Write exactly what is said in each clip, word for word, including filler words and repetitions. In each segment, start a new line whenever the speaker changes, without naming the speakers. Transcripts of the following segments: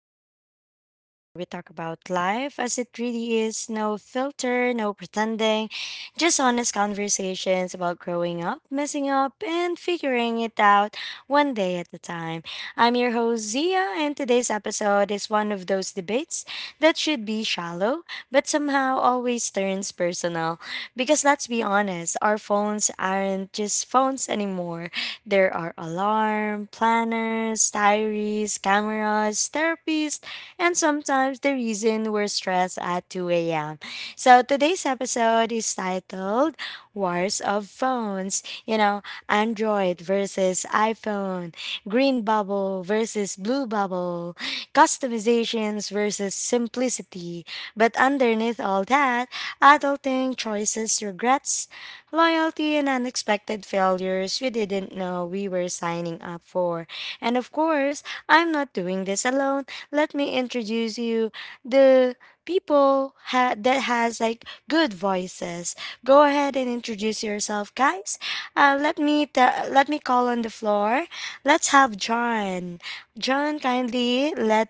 Diaries, the podcast where we talk about life as it really is. No filter, no pretending, just honest conversations about growing up, messing up, and figuring it out one day at a time. I'm your host, Zia, and today's episode is one of those debates that should be shallow, but somehow always turns personal. Because let's be honest, our phones aren't just phones anymore. There are alarm, planners, diaries, cameras, therapists, and sometimes the reason we're stressed at two a m. So today's episode is titled Wars of Phones. You know, Android versus iPhone, green bubble versus blue bubble, customizations versus simplicity. But underneath all that, adulting choices, regrets, loyalty, and unexpected failures we didn't know we were signing up for. And of course, I'm not doing this alone. Let me introduce you the people ha- that has like good voices. Go ahead and introduce yourself, guys. Uh, let me ta- let me call on the floor. Let's have John. John, kindly let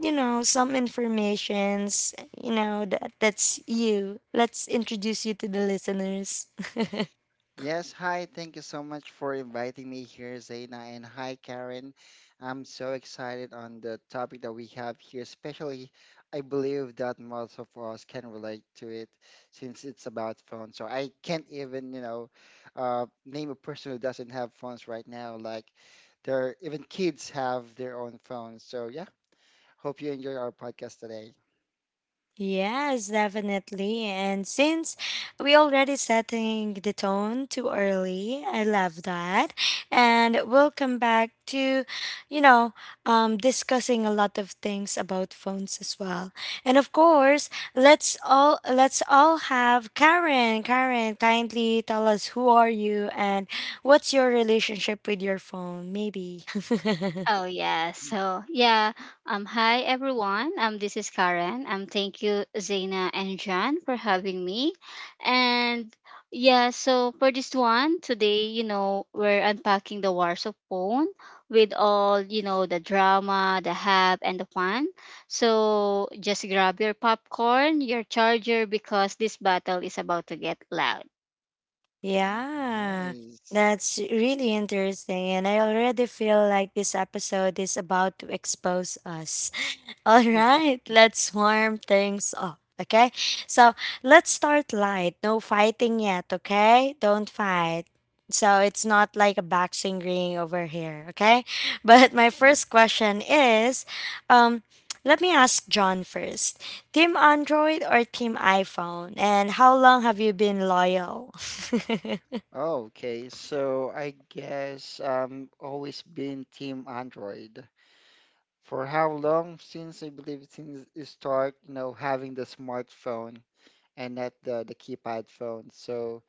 you know some informations, you know, that that's you, let's introduce you to the listeners.
Yes, hi. Thank you so much for inviting me here, Zaina. And hi, Karen. I'm so excited on the topic that we have here, especially I believe that most of us can relate to it since it's about phones. So I can't even, you know, uh, name a person who doesn't have phones right now. Like, there, even kids have their own phones. So yeah, hope you enjoy our podcast today.
Yes, definitely. And since we already setting the tone too early, I love that. And we'll come back to, you know, um, discussing a lot of things about phones as well. And of course, let's all let's all have Karen. Karen, kindly tell us who are you and what's your relationship with your phone, maybe.
Oh yeah.
Mhm.
So yeah. Um hi everyone. Um this is Karen. Um thank you Zaina and John for having me. And yeah, so for this one today, you know, we're unpacking the wars of phone with all, you know, the drama, the hype and the fun. So just grab your popcorn, your charger because this battle is about to get loud.
Yeah,
Nice.
that's really interesting. And I already feel like this episode is about to expose us. All right, let's warm things up. Okay, so let's start light. No fighting yet, okay? Don't fight. So it's not like a boxing ring over here, okay? But my first question is, um, let me ask John first. Team Android or Team iPhone? And how long have you been loyal?
Oh, okay, so I guess um always been team Android. For how long? Since I believe since you start, you know, having the smartphone and not the the keypad phone. So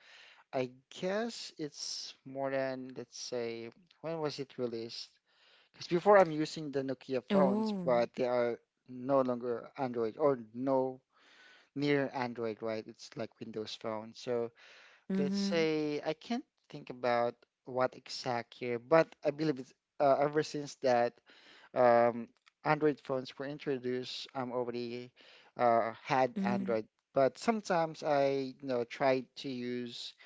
I guess it's more than, let's say, when was it released? Because before I'm using the Nokia phones,
Oh.
but they are no longer Android or no near Android, right? It's like Windows Phone. So let's
Mm-hmm.
say I can't think about what exact year, but I believe it's uh, ever since that um, Android phones were introduced, I'm already uh, had
Hmm.
Android. But sometimes I, you know, tried to use,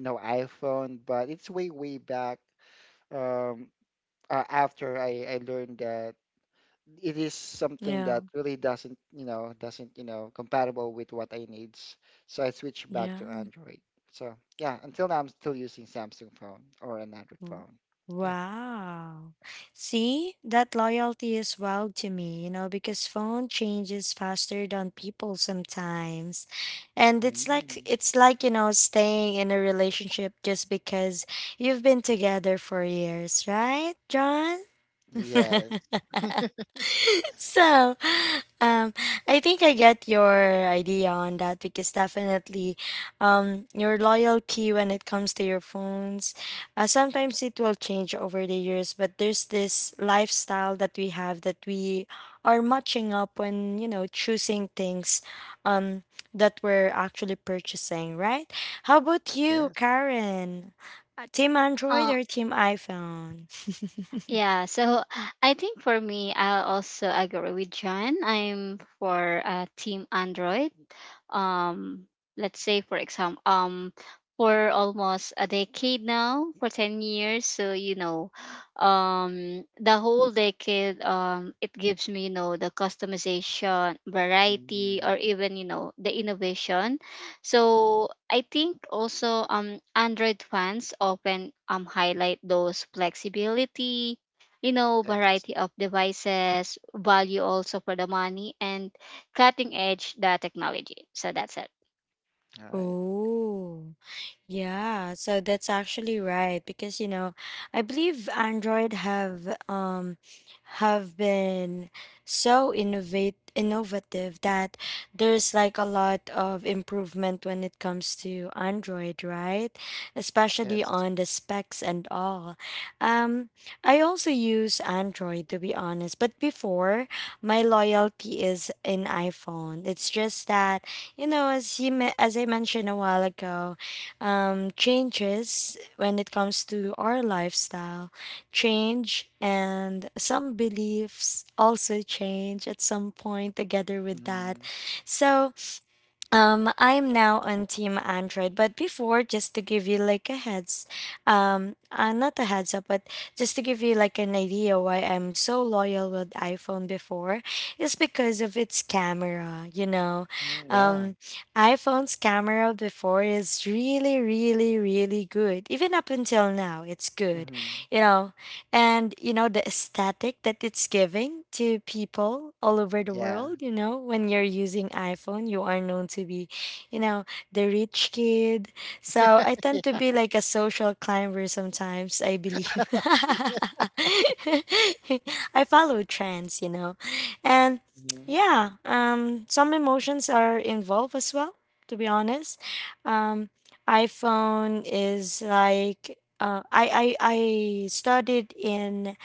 you know, iPhone, but it's way, way back um, uh, after I, I learned that it is something
Yeah.
that really doesn't, you know, doesn't, you know, compatible with what I needs. So I switched back
Yeah.
to Android. So yeah, until now I'm still using Samsung phone or an Android
Mm.
phone. Yeah.
Wow. See, that loyalty is wild to me, you know, because phone changes faster than people sometimes. And it's like
Mm.
it's like, you know, staying in a relationship just because you've been together for years, right, John?
Yes.
So, um, I think I get your idea on that because definitely, um, your loyalty when it comes to your phones, uh, sometimes it will change over the years, but there's this lifestyle that we have that we are matching up when, you know, choosing things, um, that we're actually purchasing, right? How about you,
Yes.
Karen? Uh, Team Android or team iPhone?
Yeah, so I think for me, I also agree with John. I'm for uh, Team Android. Um, let's say for example, um, for almost a decade now, for ten years. So you know, um, the whole decade, um, it gives me you know the customization, variety,
Mm.
or even you know the innovation. So I think also um Android fans often um highlight those flexibility, you know,
Yes.
variety of devices, value also for the money, and cutting edge the technology. So that's it.
All right.
Oh. Yeah, so that's actually right because, you know, I believe Android have, um, have been so innovate innovative that there's like a lot of improvement when it comes to Android, right? Especially
Yes.
on the specs and all. Um, I also use Android to be honest, but before my loyalty is in iPhone. It's just that, you know, as you me- as I mentioned a while ago, um, changes when it comes to our lifestyle change and some beliefs also change at some point together with that,
Mm.
so um, I'm now on Team Android, but before, just to give you like a heads, um, uh, not a heads up, but just to give you like an idea why I'm so loyal with iPhone before, is because of its camera. You know,
Mm, yeah.
um, iPhone's camera before is really, really, really good. Even up until now, it's good.
Hmm.
You know, and you know the aesthetic that it's giving to people all over the
Yeah.
world. You know, when you're using iPhone, you are known to be, you know, the rich kid, so I tend to
Yeah.
be like a social climber sometimes, I believe.
Okay.
I follow trends, you know, and
Mhm.
yeah, um, some emotions are involved as well, to be honest. Um, iPhone is like, uh, I, I I studied in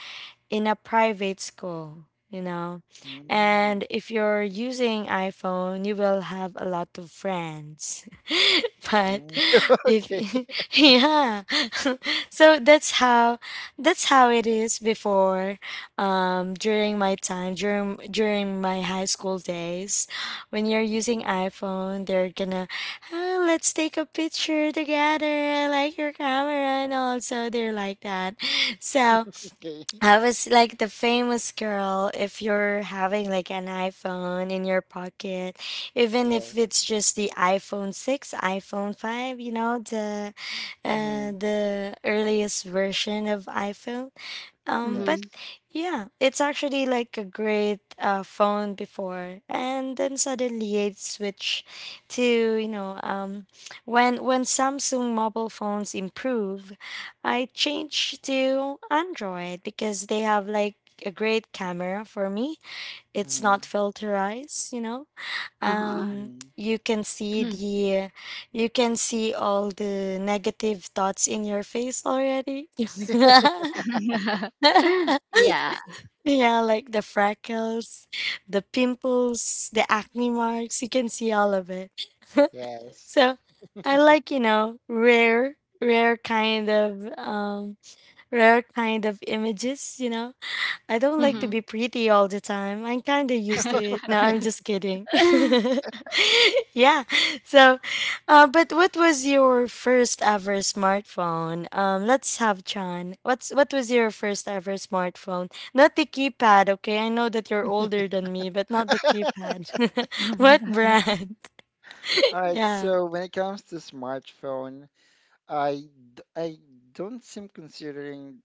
in a private school, you know.
Mm.
And if you're using iPhone, you will have a lot of friends. But
Mm.
if
Okay.
yeah. So that's how that's how it is before, um, during my time, during during my high school days, when you're using
Mhm.
iPhone, they're gonna, "Ah, let's take a picture together. I like your camera," and also they're like that. So
Okay.
I was like the famous girl if you're having like an iPhone in your pocket, even if
Yes.
it's just the iPhone six, iPhone five, you know, the, uh,
Hmm.
the earliest version of iPhone. Um, but
Mm-hmm.
Yes.
yeah, it's actually like a great, uh, phone before, and then suddenly it switched to, you know, um, when when Samsung mobile phones improve, I changed to Android because they have like a great camera for me. It's
Hmm.
not filterized, you know.
Uh huh.
Um,
Hmm.
you can see the, you can see all the negative thoughts in your face already.
yeah.
Yeah, like the freckles, the pimples, the acne marks, you can see all of it.
Yes.
So I like, you know, rare rare kind of um rare kind of images, you know. I don't like to
Mm-hmm.
be
Mhm.
pretty all the time. I'm kind of used to it. No, I'm just kidding. Yeah. So, uh, but what was your first ever smartphone? Um, let's have Chan. What's what was your first ever smartphone? Not the keypad, okay? I know that you're older than me, but not the keypad. What brand?
All right.
Yeah.
So when it comes to smartphone, I d- I don't seem considering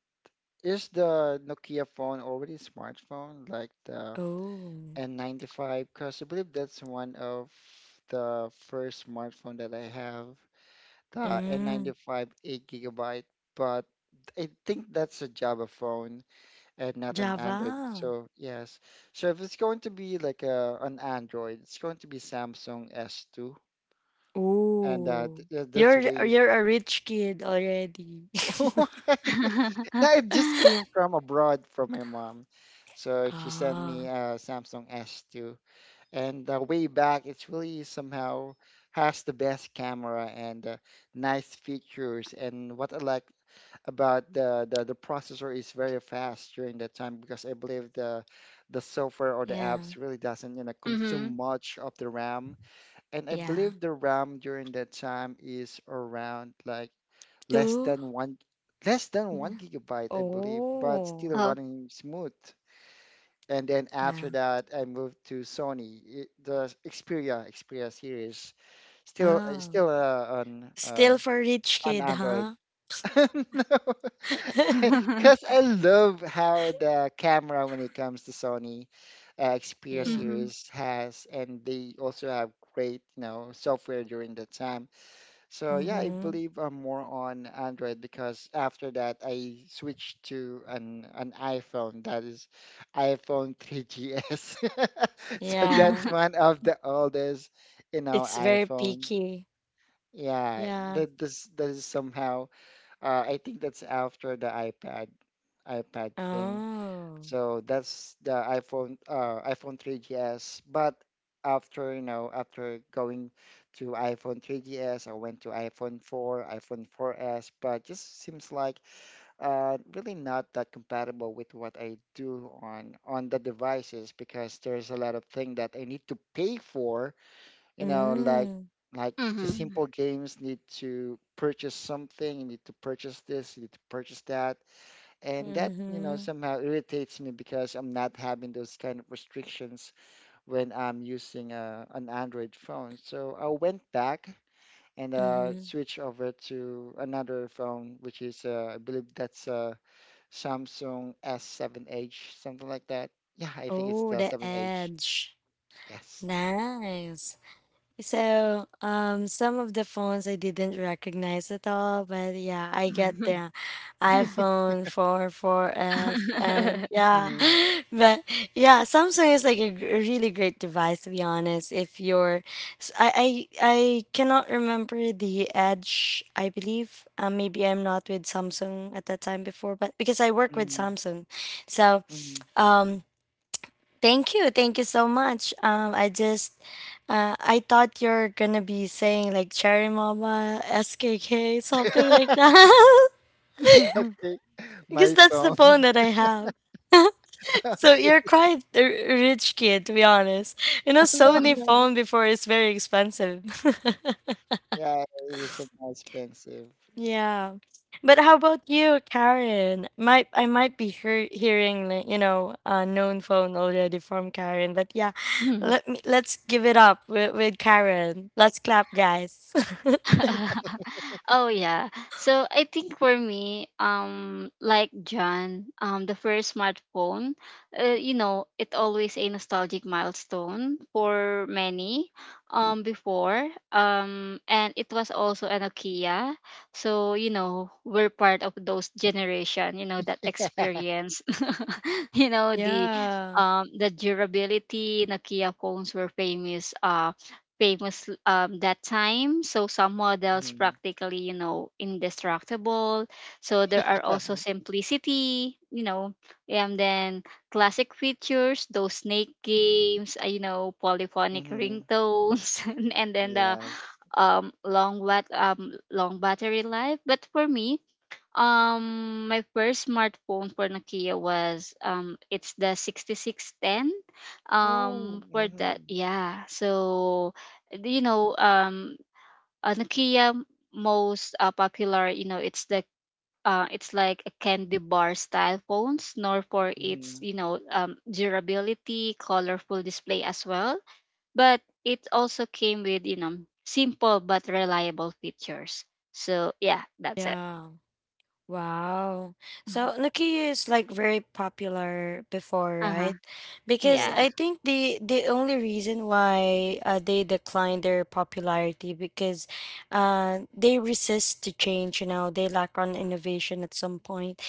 is the Nokia phone already smartphone like the
Oh.
N ninety-five? Because I believe that's one of the first smartphone that I have, the
Mm,
N ninety-five eight gigabyte. But I think that's a Java phone and not an Android.
Java.
So yes. So if it's going to be like a an Android, it's going to be Samsung S two and uh,
Oh.
th- th- that's
You're
way.
you're a rich kid already.
No, it just came from abroad from my mom. So she sent me
Oh,
a Samsung S two, and uh, way back, it's really somehow has the best camera and uh, nice features. And what I like about the, the the processor is very fast during that time because I believe the the software or the
yeah,
apps really doesn't, you know,
mm-hmm.
consume much of the RAM. And I
yeah.
believe the RAM during that time is around like less
two
than one less than
Mm.
one gigabyte, I believe, but still
Oh.
Oh.
running smooth. And then
Yeah.
after that, I moved to Sony, i- the Xperia Xperia series, still uh,
Oh.
still uh, on uh,
Still for rich
on
kid,
Android.
huh?
Because I love how the camera when it comes to Sony uh, Xperia
Yeah.
mm-hmm.
series has, and they also have great, you know, software during that time. So yeah, I
Mm-hmm.
believe I'm more on Android because after that I switched to an an iPhone that is iPhone three G S. So that's
Yeah.
one of the oldest, you know,
It's very
iPhone.
picky.
Yeah,
Yeah.
that this that is somehow uh, I think that's after the iPad iPad thing.
Oh.
So that's the iPhone uh, iPhone three G S. But after, you know, after going to iPhone three G S, I went to iPhone four, iPhone four S, but just seems like uh, really not that compatible with what I do on on the devices because there's a lot of thing that I need to pay for, you know, like
Mm.
like just simple games need to purchase something, you need to purchase this, you need to purchase that and that, you know,
Mm-hmm.
somehow irritates me because I'm not having those kind of restrictions when I'm using uh, an Android phone. So I went back and uh,
Mm-hmm.
switched over to another phone, which is uh, I believe that's uh, Samsung S seven H, something like that. Yeah, I think it's
Oh,
the
the
seven H.
edge.
Yes.
Nice. So, um, some of the phones I didn't recognize at all, but yeah, I get
mm-hmm.
the iPhone four, four S, and yeah,
Hmm.
but yeah, Samsung is like a gr- a really great device to be honest. If you're, s- I, I, I cannot remember the Edge, I believe. Um, maybe I'm not with Samsung at that time before, but because I work with
Hmm.
Samsung, so.
Hmm.
Um, Thank you. Thank you so much. Um, I just, uh, I thought you're gonna be saying like Cherry Mama, S K K, something like that,
Okay,
because
my
that's the
phone.
phone that I have. So
Okay.
you're quite a rich kid, to be honest. You know,
No,
Sony
no.
phone before is very expensive.
Yeah, it is so expensive.
Yeah. But how about you, Karen? Might I might be hear, hearing, like, you know, a known phone already from Karen, but yeah, let me let's give it up with, with Karen. Let's clap, guys.
oh yeah. So I think for me, um, like John, um, the first smartphone, uh, you know, it always a nostalgic milestone for many, um, before, um, and it was also a Nokia. So you know, we're part of those generation, you know, that
Yeah.
experience, you know, the,
Yeah.
um, the durability. Nokia phones were famous, uh, famous um, that time. So some models
Mhm.
practically, you know, indestructible. So there are also simplicity, you know, and then classic features, those snake games, uh, you know, polyphonic
Mm-hmm.
ringtones, and then the
Yes.
um, long bat um, long battery life. But for me, um, my first smartphone for Nokia was um, it's the sixty six ten.
Oh.
Um, for that,
Mm-hmm.
yeah. So, you know, um, a Nokia most uh, popular, you know, it's the uh, it's like a candy bar style phones, nor for its,
Mm-hmm.
you know, um, durability, colorful display as well. But it also came with, you know, simple but reliable features. So yeah, that's it.
Yeah. Wow. So Nokia is like very popular before,
Uh huh.
right? Because
Yes.
Yeah.
I think the the only reason why, uh, they declined their popularity because uh they resist to change, you know, they lack on innovation at some point.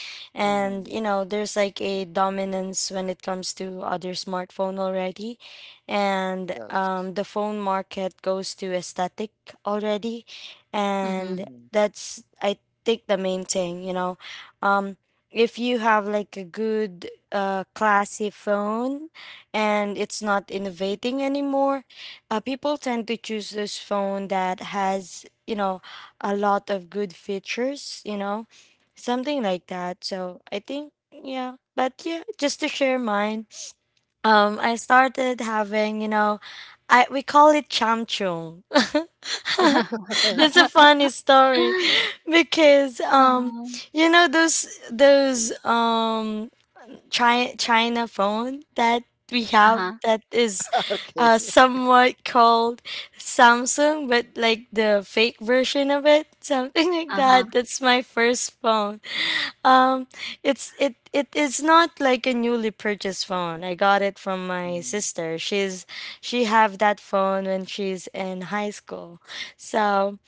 Mm-hmm.
And you know, there's like a dominance when it comes to other smartphone already. And
Yes.
um the phone market goes to aesthetic already, and
Mhm.
Mm-hmm.
that's, I take the main thing, you know. Um, if you have like a good, uh, classy phone and it's not innovating anymore, uh, people tend to choose this phone that has, you know, a lot of good features, you know, something like that. So I think, yeah, but yeah, just to share mine, um, I started having, you know, I, we call it chamchung. It's a funny story because um,
Uh-huh.
you know, those those um China China phone that we have
Uh-huh.
that is,
Okay.
uh, somewhat called Samsung but like the fake version of it, something like
Uh-huh.
that. That's my first phone. Um, it's, it it is not like a newly purchased phone. I got it from my
Mm-hmm.
sister. She's she have that phone when she's in high school, so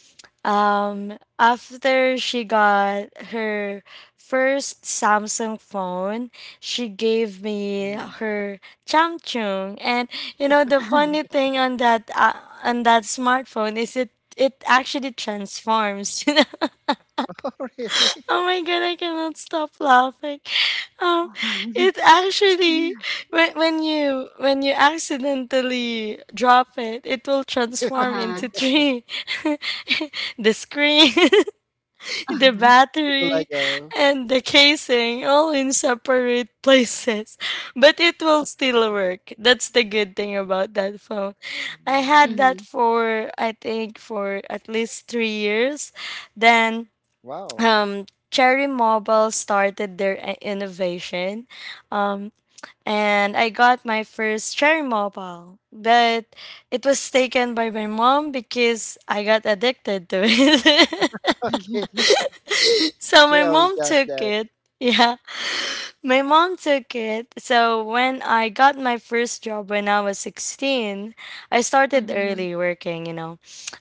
um, after she got her first Samsung phone, she gave me
Mm-hmm.
her Samsung, and you know the funny thing on that, uh, on that smartphone is it, it actually transforms. You know,
Oh, really?
oh my god, I cannot stop laughing. Um, it actually, when when you when you accidentally drop it, it will transform
Uh-huh.
into tree, the screen, the
The
battery
Lego.
and the casing all in separate places, but it will still work. That's the good thing about that phone. I
Mm-hmm.
had that
Mhm.
for, I think, for at least three years. Then,
Wow.
um, cherry mobile started their i- innovation, um, and I got my first cherry mobile, but it was taken by my mom because I got addicted to it.
Okay.
So
They
my
always
mom
does
took
that.
it. Yeah, my mom took it. So when I got my first job when I was sixteen, I started
Mhm.
early working, you know.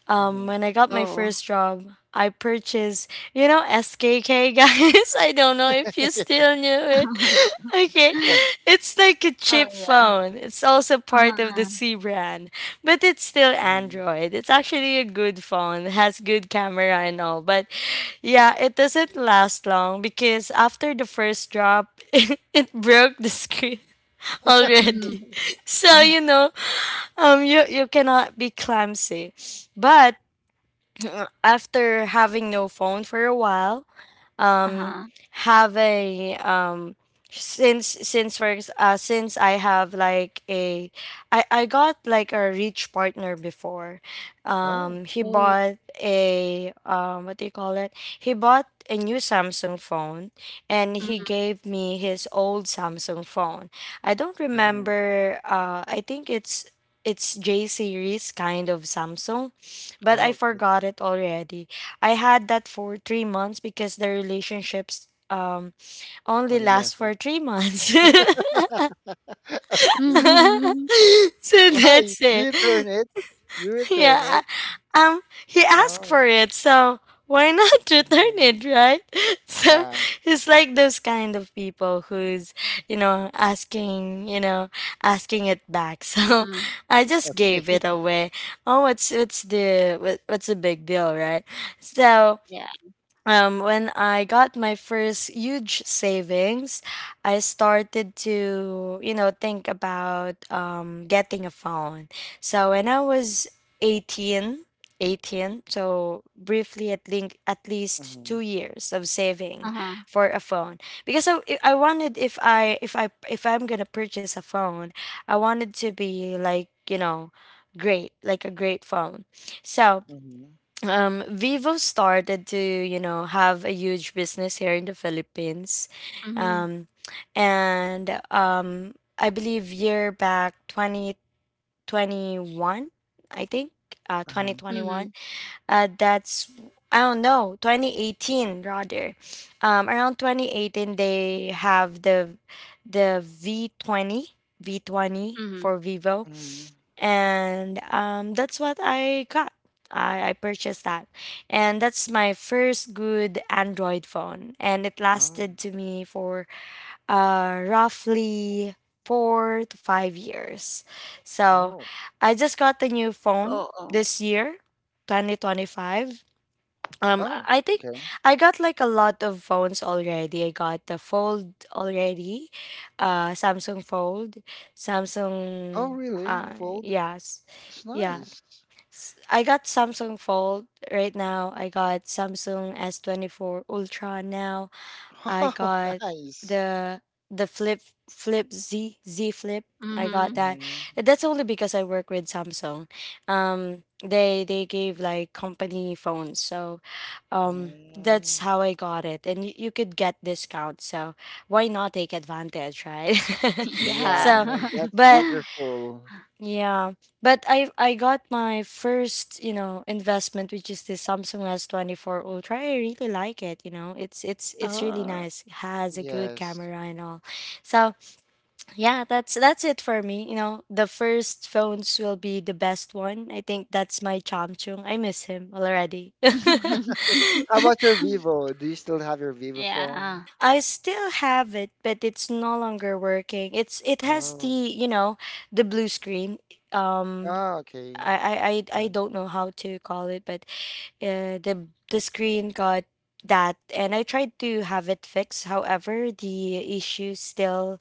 Um,
Mm-hmm.
when I got my
Oo.
first job, I purchased, you know, S K K, guys. I don't know if you still knew it. Okay. It's like a
Oh,
cheap
yeah.
phone. It's also
Uh-huh,
part of the
uh.
C brand, but it's still
Mm-hmm.
Android. It's actually a good phone. It has good camera and all, but yeah, it doesn't last long because after the first drop, it broke the screen already.
Mhm.
So
Mhm.
you know, um, you you cannot be clumsy, but after having no phone for a while, um
Uh-huh.
have a um since since for ex- uh since I have like a I I got like a rich partner before.
Oh.
Um he
Oh.
bought a, um what do you call it? He bought a new Samsung phone, and he gave me his old Samsung phone. I don't
Mm-hmm.
remember, uh I think it's it's J series kind of Samsung, but I
Oh, okay.
forgot it already. I had that for three months because the relationships um only
Only
last
left
for
it.
three months.
Okay.
Mhm. Mhm.
So
Why?
that's
Do
it.
you turn it? You return
Yeah.
it?
Um he asked
Oh.
for it, so why not return
Mm-hmm.
it, right? So
Yeah.
it's like those kind of people who's, you know, asking, you know, asking it back. So I just
Okay.
gave it away. Oh, what's what's the what, what's the big deal, right? So,
Yeah.
um, when I got my first huge savings, I started to, you know, think about um, getting a phone. So when I was eighteen, eighteen, so briefly at, link, at least
Mm-hmm.
two years of saving
Uh-huh.
for a phone because I, I wanted if I if I if I'm gonna purchase a phone, I wanted to be like, you know great like a great phone. So,
Mm-hmm.
um, Vivo started to, you know, have a huge business here in the Philippines.
Mhm.
Um, and um, I believe year back twenty twenty-one, I think, uh,
Uh-huh.
twenty twenty-one.
Mhm.
Uh, that's, I don't know, twenty eighteen rather. Um, around twenty eighteen they have the the V twenty, V twenty
Mhm.
for Vivo,
Mm-hmm.
and um, that's what I got. I, I purchased that, and that's my first good Android phone, and it
Oh.
lasted to me for uh, roughly four to five years. So
Oh,
I just got a new phone
Oo.
this year, twenty twenty-five. Um,
oh,
I think
okay.
I got like a lot of phones already. I got the Fold already, uh, Samsung Fold,
Oh,
Samsung,
really?
uh,
Fold?
yes,
It's
yeah.
nice.
S- I got Samsung Fold right now. I got Samsung S twenty-four Ultra now. I
Oh,
got
nice.
the the flip flip Z Z flip. I got
Mhm.
that.
Hmm.
That's only because I work with Samsung. Um, they they gave like company phones, so um, that's
Hmm.
how I got it. And you, you could get discount, so why not take advantage, right?
Yeah,
Yeah.
I
So,
mean, that's
but
wonderful.
yeah, but I I got my first, you know, investment, which is the Samsung S twenty-four Ultra. I really like it, you know. It's it's it's really
Oh.
nice. It has a good
Yes.
camera and all. So, yeah, that's that's it for me, you know. The first phones will be the best one. I think that's my Chamchung. I miss him already.
How about your Vivo? Do you still have your Vivo
Yeah.
phone?
I still have it, but it's no longer working. It's it has the,
Oh,
you know, the blue screen. Um
oh, okay.
I I I I
That
don't know how to call it, but uh, the the screen got that, and I tried to have it fixed. However, the issue still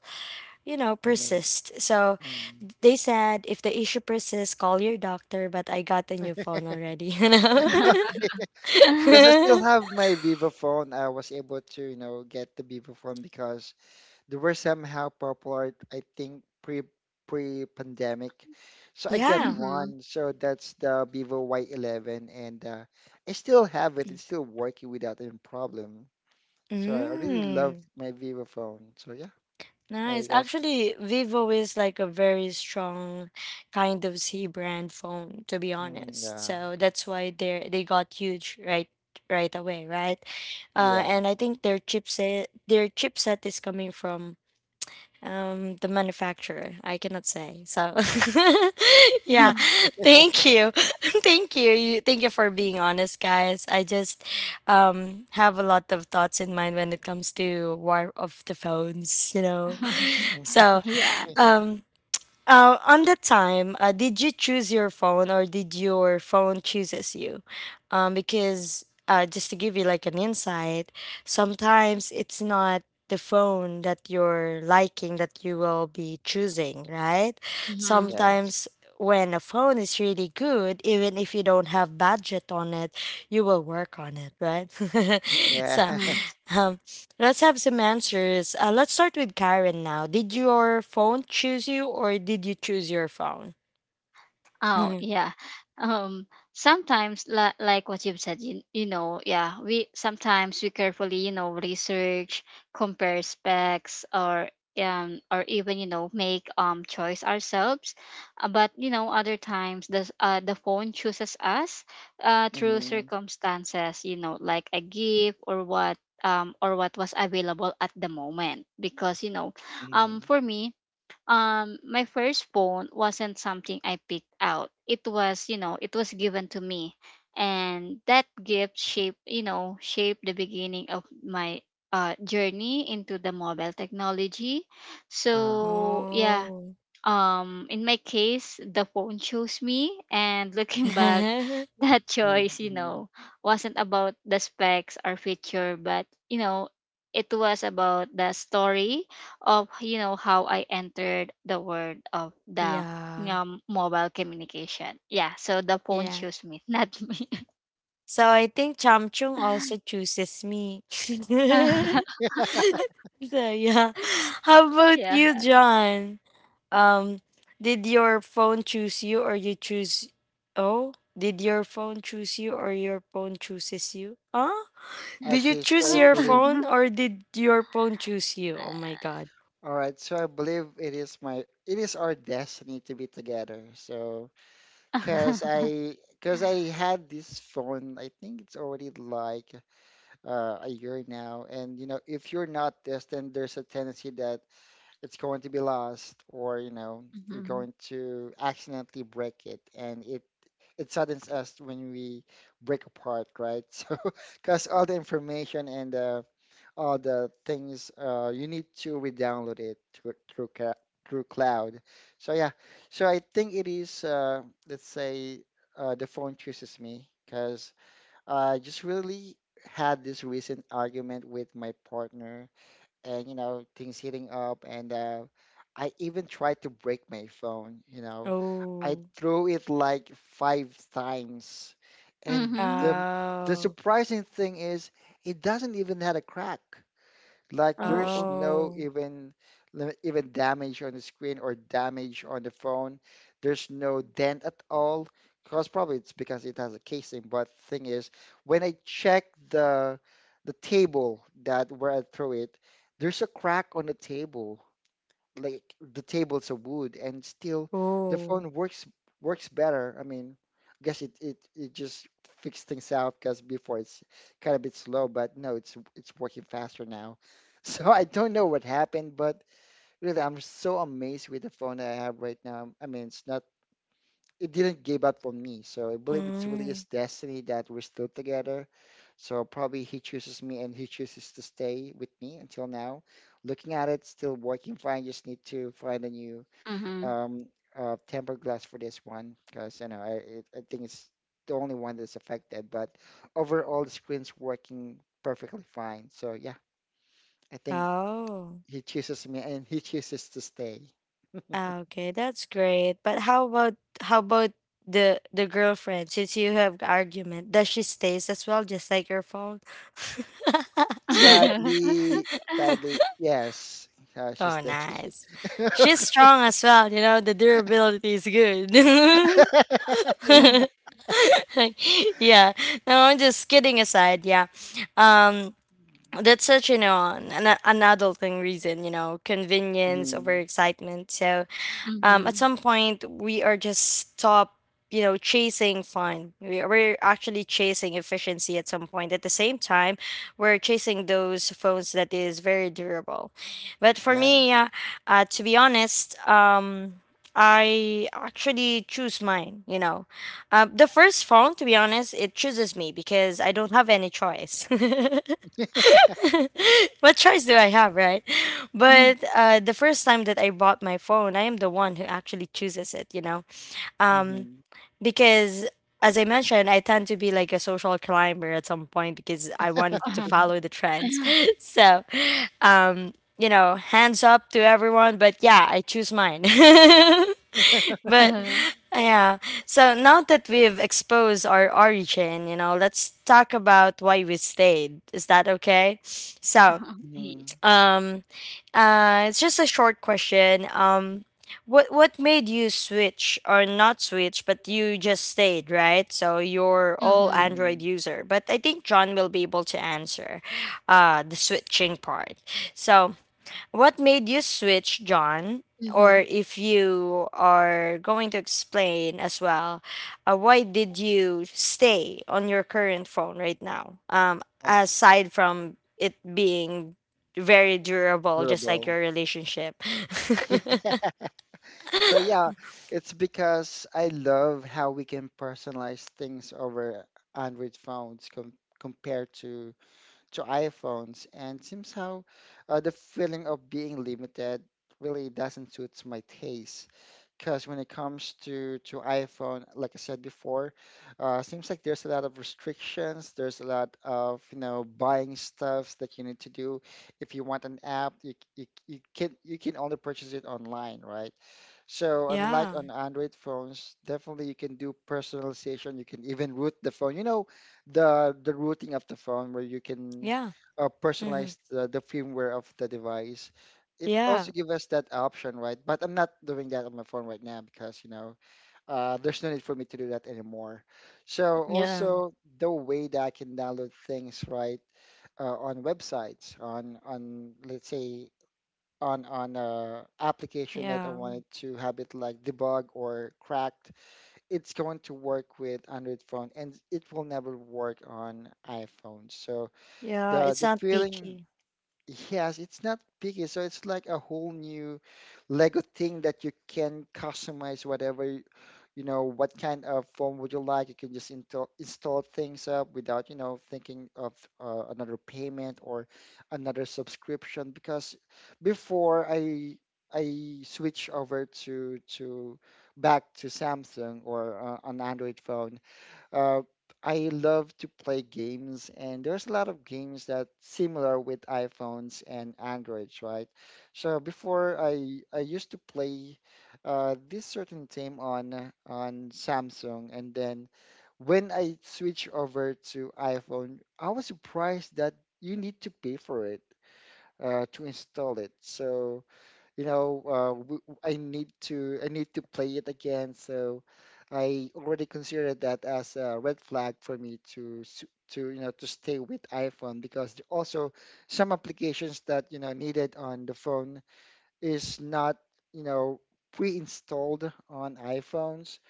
you know
remains.
persist. So
Mm.
they said if the issue persists, call your doctor. But I got a new phone already. You
Because I
Ah.
still
know.
have my Vivo phone. I was able to, you know, get the Vivo phone because they were somehow popular, I think, pre pre pandemic. So I get
Yeah.
Mhm.
one. So that's the Vivo Y eleven, and uh, I still have it. It's still working without any problem. So I really love
Mm.
my Vivo phone. So yeah,
Nice.
I also.
Actually, Vivo is like a very strong kind of C brand phone, to be
Mm,
honest.
yeah,
So that's why they they got huge right right away, right? Uh,
yeah,
and I think their chipset their chipset is coming from um the manufacturer. I cannot say. So yeah,
Mhm.
thank you, thank you, you thank you for being honest, guys. I just um have a lot of thoughts in mind when it comes to war of the phones, you know.
okay,
So,
Yeah.
um, uh, on the time, uh, did you choose your phone or did your phone chooses you? Um, because uh, just to give you like an insight, sometimes it's not the phone that you're liking that you will be choosing, right?
Mhm.
yes,
Sometimes when a phone is really good, even if you don't have budget on it, you will work on it, right?
yeah.
So
Mhm.
um, let's have some answers. Uh, let's start with Karen now. Did your phone choose you or did you choose your phone?
Oh yeah. Um sometimes li- like what you've said, you, you know, yeah, we sometimes we carefully you know research, compare specs, or um or even you know make um choice ourselves. Uh, but you know other times the uh the phone chooses us uh through
Mm-hmm,
circumstances, you know, like a gift or what, um or what was available at the moment because you know, um for me, um my first phone wasn't something I picked out, it was, you know, it was given to me, and that gift shaped, you know, shaped the beginning of my uh journey into the mobile technology.
uh-huh,
So yeah,
Oh.
um in my case the phone chose me, and looking back that
mm-hmm. Uh,
choice, you
mm-hmm.
know, wasn't about the specs or feature, but you know, it was about the story of you know how I entered the world of the you
Yeah.
know, mobile communication. Yeah, so the phone
Yeah.
chose me, not me.
So I think Chamchung also chooses me. So yeah. How about
yeah.
you, John? Um, did your phone choose you or you choose. Oh? Did your phone choose you or your phone chooses you? Huh? Did you
Okay,
choose
so I
your
believe.
phone or did your phone choose you? Oh my god.
All right, so I believe it is my it is our destiny to be together. So. Cause I, cause I had this phone. I think it's already like uh, a year now. And you know, if you're not this, then there's a tendency that it's going to be lost, or you know, you're
Mhm.
going to accidentally break it, and it it saddens us when we break apart, right? So, cause all the information and uh, all the things uh, you need to re-download it through through, ca- through cloud. So yeah, so I think it is uh, let's say, uh, the phone chooses me because I just really had this recent argument with my partner and you know things heating up and uh, I even tried to break my phone. You know, I
Oh.
threw it like five times, and
Mhm.
the the
Oh.
surprising thing is it doesn't even had a crack. Like
Oh.
there's
oh.
no
Oh.
even lim- even damage on the screen or damage on the phone. There's no dent at all. Because probably it's because it has a casing. But thing is, when I check the the table that where I threw it, there's a crack on the table like the tables of wood and still the
Oh.
phone works works better. I mean, I guess it it, it just fixed things out because before it's kind of a bit slow, but no, it's it's working faster now. So I don't know what happened, but really I'm so amazed with the phone that I have right now. I mean, it's not it didn't give up on me. So I believe it's really
Mm.
his destiny that we're still together. So probably he chooses me and he chooses to stay with me until now. Looking at it, still working fine. Just need to find a new
Mhm.
um, uh, tempered glass for this one because you know I it, I think it's the only one that's affected. But overall, the screen's working perfectly fine. So yeah, I think
Oh.
he chooses me and he chooses to stay.
Ah, okay, that's great. But how about how about the the girlfriend? Since you have argument, does she stays as well, just like your phone?
Sadly, sadly, yes, uh, she's
Oh,
there.
nice. She's strong as well. You know the durability is good.
Yeah.
Yeah. No, I'm just kidding aside. Yeah. Um, that's such you know an, an an adulting reason. You know, convenience over
Hmm.
excitement. So um, at
Mhm.
some point we are just stop you know chasing fun. we, we're actually chasing efficiency at some point. At the same time we're chasing those phones that is very durable, but for me,
Yes.
yeah, uh, to be honest, um, I actually choose mine you know uh, the first phone, to be honest, it chooses me because I don't have any choice. What choice do I have, right? But uh, the first time that I bought my phone, I am the one who actually chooses it you know
Hmm.
because as I mentioned, I tend to be like a social climber at some point because I wanted to
Mhm.
follow the trends. So, um, you know, hands up to everyone, but yeah, I choose mine. But
Uh-huh.
yeah, so now that we've exposed our origin, you know, let's talk about why we stayed. Is that okay? So,
Uh-huh. Ye-
Hmm.
um, uh, it's just a short question. Um, what what made you switch or not switch, but you just stayed, right? So you're all
Mhm.
Android
Hmm.
user, but I think John will be able to answer uh, the switching part. So what made you switch, John?
Mhm.
Or if you are going to explain as well, uh, why did you stay on your current phone right now? Um,
Oh,
aside from it being very durable, just like
durable.
your relationship.
Yeah. So yeah, it's because I love how we can personalize things over Android phones com compared to to iPhones, and somehow uh, the feeling of being limited really doesn't suit my taste. Because when it comes to to iPhone, like I said before, uh, seems like there's a lot of restrictions. There's a lot of, you know, buying stuffs that you need to do. If you want an app, you you, you can you can only purchase it online, right? So unlike
Yeah,
on Android phones, definitely you can do personalization. You can even route the phone. You know, the the routing of the phone where you can
yeah,
uh,
hmm,
personalize the, the firmware of the device. It
yeah,
also gives us that option, right? But I'm not doing that on my phone right now because, you know, uh, there's no need for me to do that anymore. So
yeah,
also the way that I can download things, right, uh, on websites, on on let's say on on a application that I
yeah,
wanted to have it like debug or cracked, it's going to work with Android phone and it will never work on iPhone. So
yeah.
the
It's
the
not
feeling.
picky.
Yes, it's not picky, so it's like a whole new Lego thing that you can customize whatever y- you know what kind of form would you like. You can just install install things up without, you know, thinking of uh, another payment or another subscription. Because before I I switch over to to back to Samsung or uh, an Android phone, uh, I love to play games, and there's a lot of games that similar with iPhones and Androids, right? So before I I used to play uh, this certain game on on Samsung, and then when I switched over to iPhone, I was surprised that you need to pay for it uh, to install it. So you know, uh, w- w- I need to I need to play it again. So I already considered that as a red flag for me to s- to you know to stay with iPhone, because there also some applications that you know needed on the phone is not you know pre-installed on iPhones,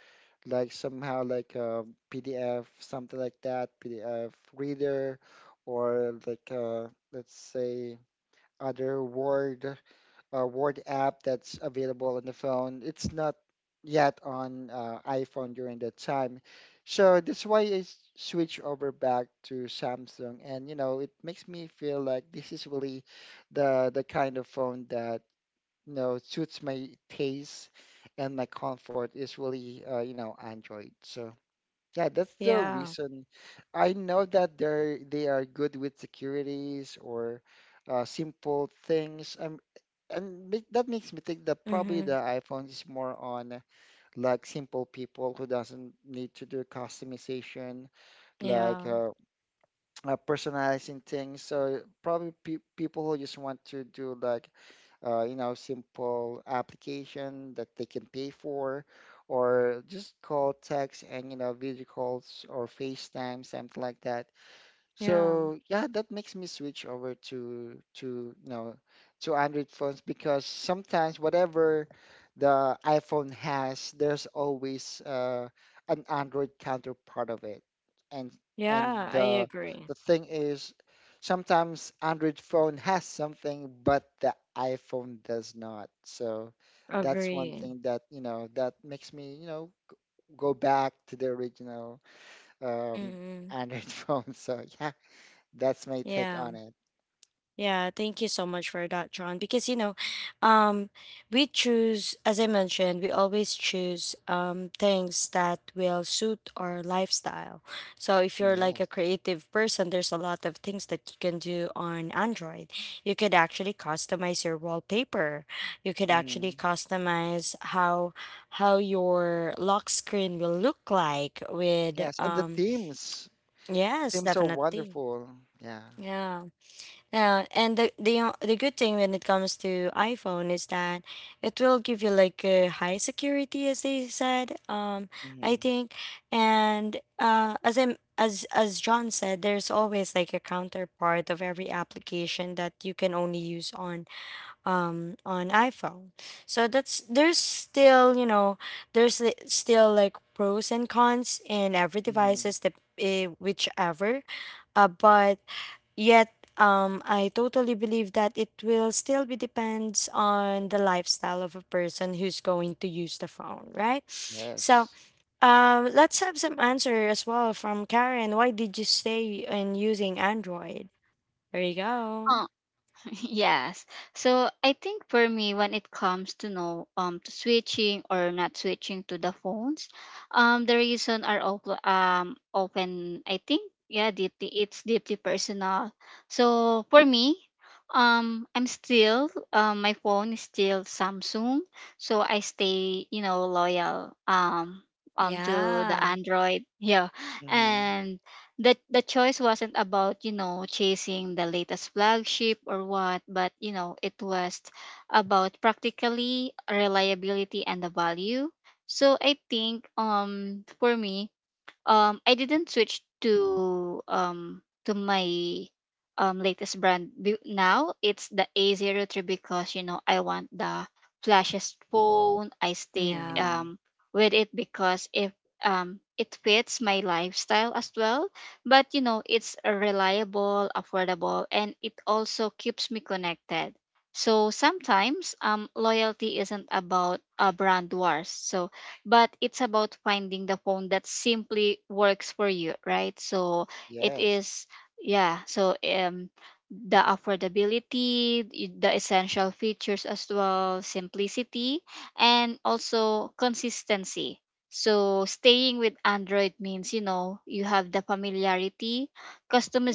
like somehow like a P D F something like that P D F reader, or like uh, let's say other word uh, Word app that's available on the phone. It's not yet on uh, iPhone during that time. So that's why I s- switch over back to Samsung, and you know it makes me feel like this is really the the kind of phone that you know suits my taste, and my comfort is really uh, you know Android. So yeah, that's the
Yeah,
reason. I know that they're they are good with securities, or uh, simple things. I and make, that makes me think that probably the
hmm,
iPhone is more on like simple people who doesn't need to do customization, like
yeah,
uh, uh, personalizing things. So probably pe people who just want to do like uh, you know simple application that they can pay for, or just call, text, and you know video calls or FaceTime, something like that.
yeah,
So yeah, that makes me switch over to to you know to Android phones, because sometimes whatever the iPhone has, there's always uh, an Android counterpart of it, and and
yeah. I
the
agree.
the thing is, sometimes Android phone has something but the iPhone does not. So that's one
Agree.
thing that you know that makes me you know go back to the original um,
Mm-hmm.
Android phone. So yeah. That's my take
Yeah.
on it.
Yeah, thank you so much for that, John. Because you know, um, we choose, as I mentioned, we always choose um things that will suit our lifestyle. So if you're like a
Yes.
creative person, there's a lot of things that you can do on Android. You could actually customize your wallpaper. You could actually
Hmm.
customize how how your lock screen will look like with,
Yes. And the
um
themes,
yes,
themes are
definitely.
wonderful. Yeah.
Yeah. Yeah, and the the o- the good thing when it comes to iPhone is that it will give you like a high security, as they said. Um, I
Hmm.
think, and uh, as I'm as as John said, there's always like a counterpart of every application that you can only use on um on iPhone. So that's there's still, you know there's li- still like pros and cons in every
Hmm.
devices that, eh, whichever, uh, but yet, um, I totally believe that it will still be depends on the lifestyle of a person who's going to use the phone, right? So,
Yes.
um, let's have some answer as well from Karen. Why did you stay in using Android? There you go.
Oh, yes. So I think for me, when it comes to know um to switching or not switching to the phones, um the reason are op- um open. I think yeah, deeply it's deeply personal. So for me, um I'm still um my phone is still Samsung, so I stay you know loyal um um to the
Yeah,
Android, yeah,
Hmm.
and the the choice wasn't about you know chasing the latest flagship or what, but you know it was about practically reliability and the value. So I think um for me, um I didn't switch to um to my um latest brand be- now it's the a zero three because you know I want the flashiest phone. I stayed
yeah.
Hmm.
um with it because if um it fits my lifestyle as well, but you know it's reliable, affordable, and it also keeps me connected. So sometimes um loyalty isn't about a brand wars, so but it's about finding the phone that simply works for you, right? So it
Yes.
is, yeah. So um the affordability y- the essential features as well, simplicity, and also consistency. So staying with Android means you know you have the familiarity,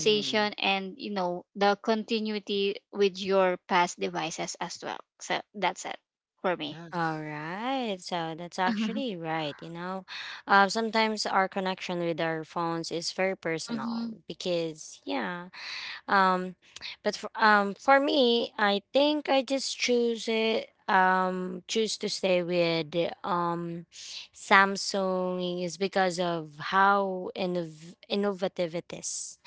Hmm.
and you know the continuity with your past devices as well. So that's it for me.
All
Yes.
right. So that's actually right. You know, uh, sometimes our connection with our phones is very personal
hmm
because, yeah. Um, but for, um, for me, I think I just choose it. Um, choose to stay with um, Samsung is because of how innov- innovative it is.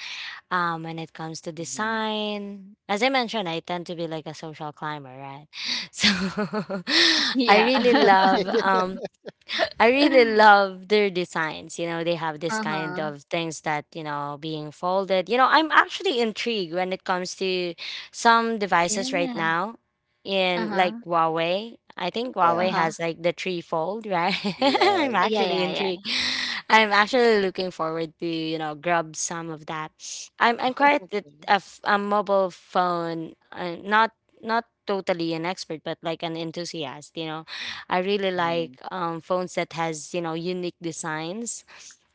Um, when it comes to
Hmm.
design, as I mentioned, I tend to be like a social climber, right? So I
Yeah.
really love um I really love their designs. You know, they have this kind
Uh-huh.
of things that, you know, being folded. You know, I'm actually intrigued when it comes to some devices right
Yeah.
now in like
Uh-huh.
Huawei. I think Huawei
Yes.
Uh-huh.
has like the three fold, right? I'm
Yes.
Yeah,
actually
yeah, yeah.
intrigued. I'm actually looking forward to, you know, grab some of that. I'm I'm quite a, a f- a mobile phone, uh, not not totally an expert, but like an enthusiast, you know. I really
Hmm.
like um, phones that has you know unique designs.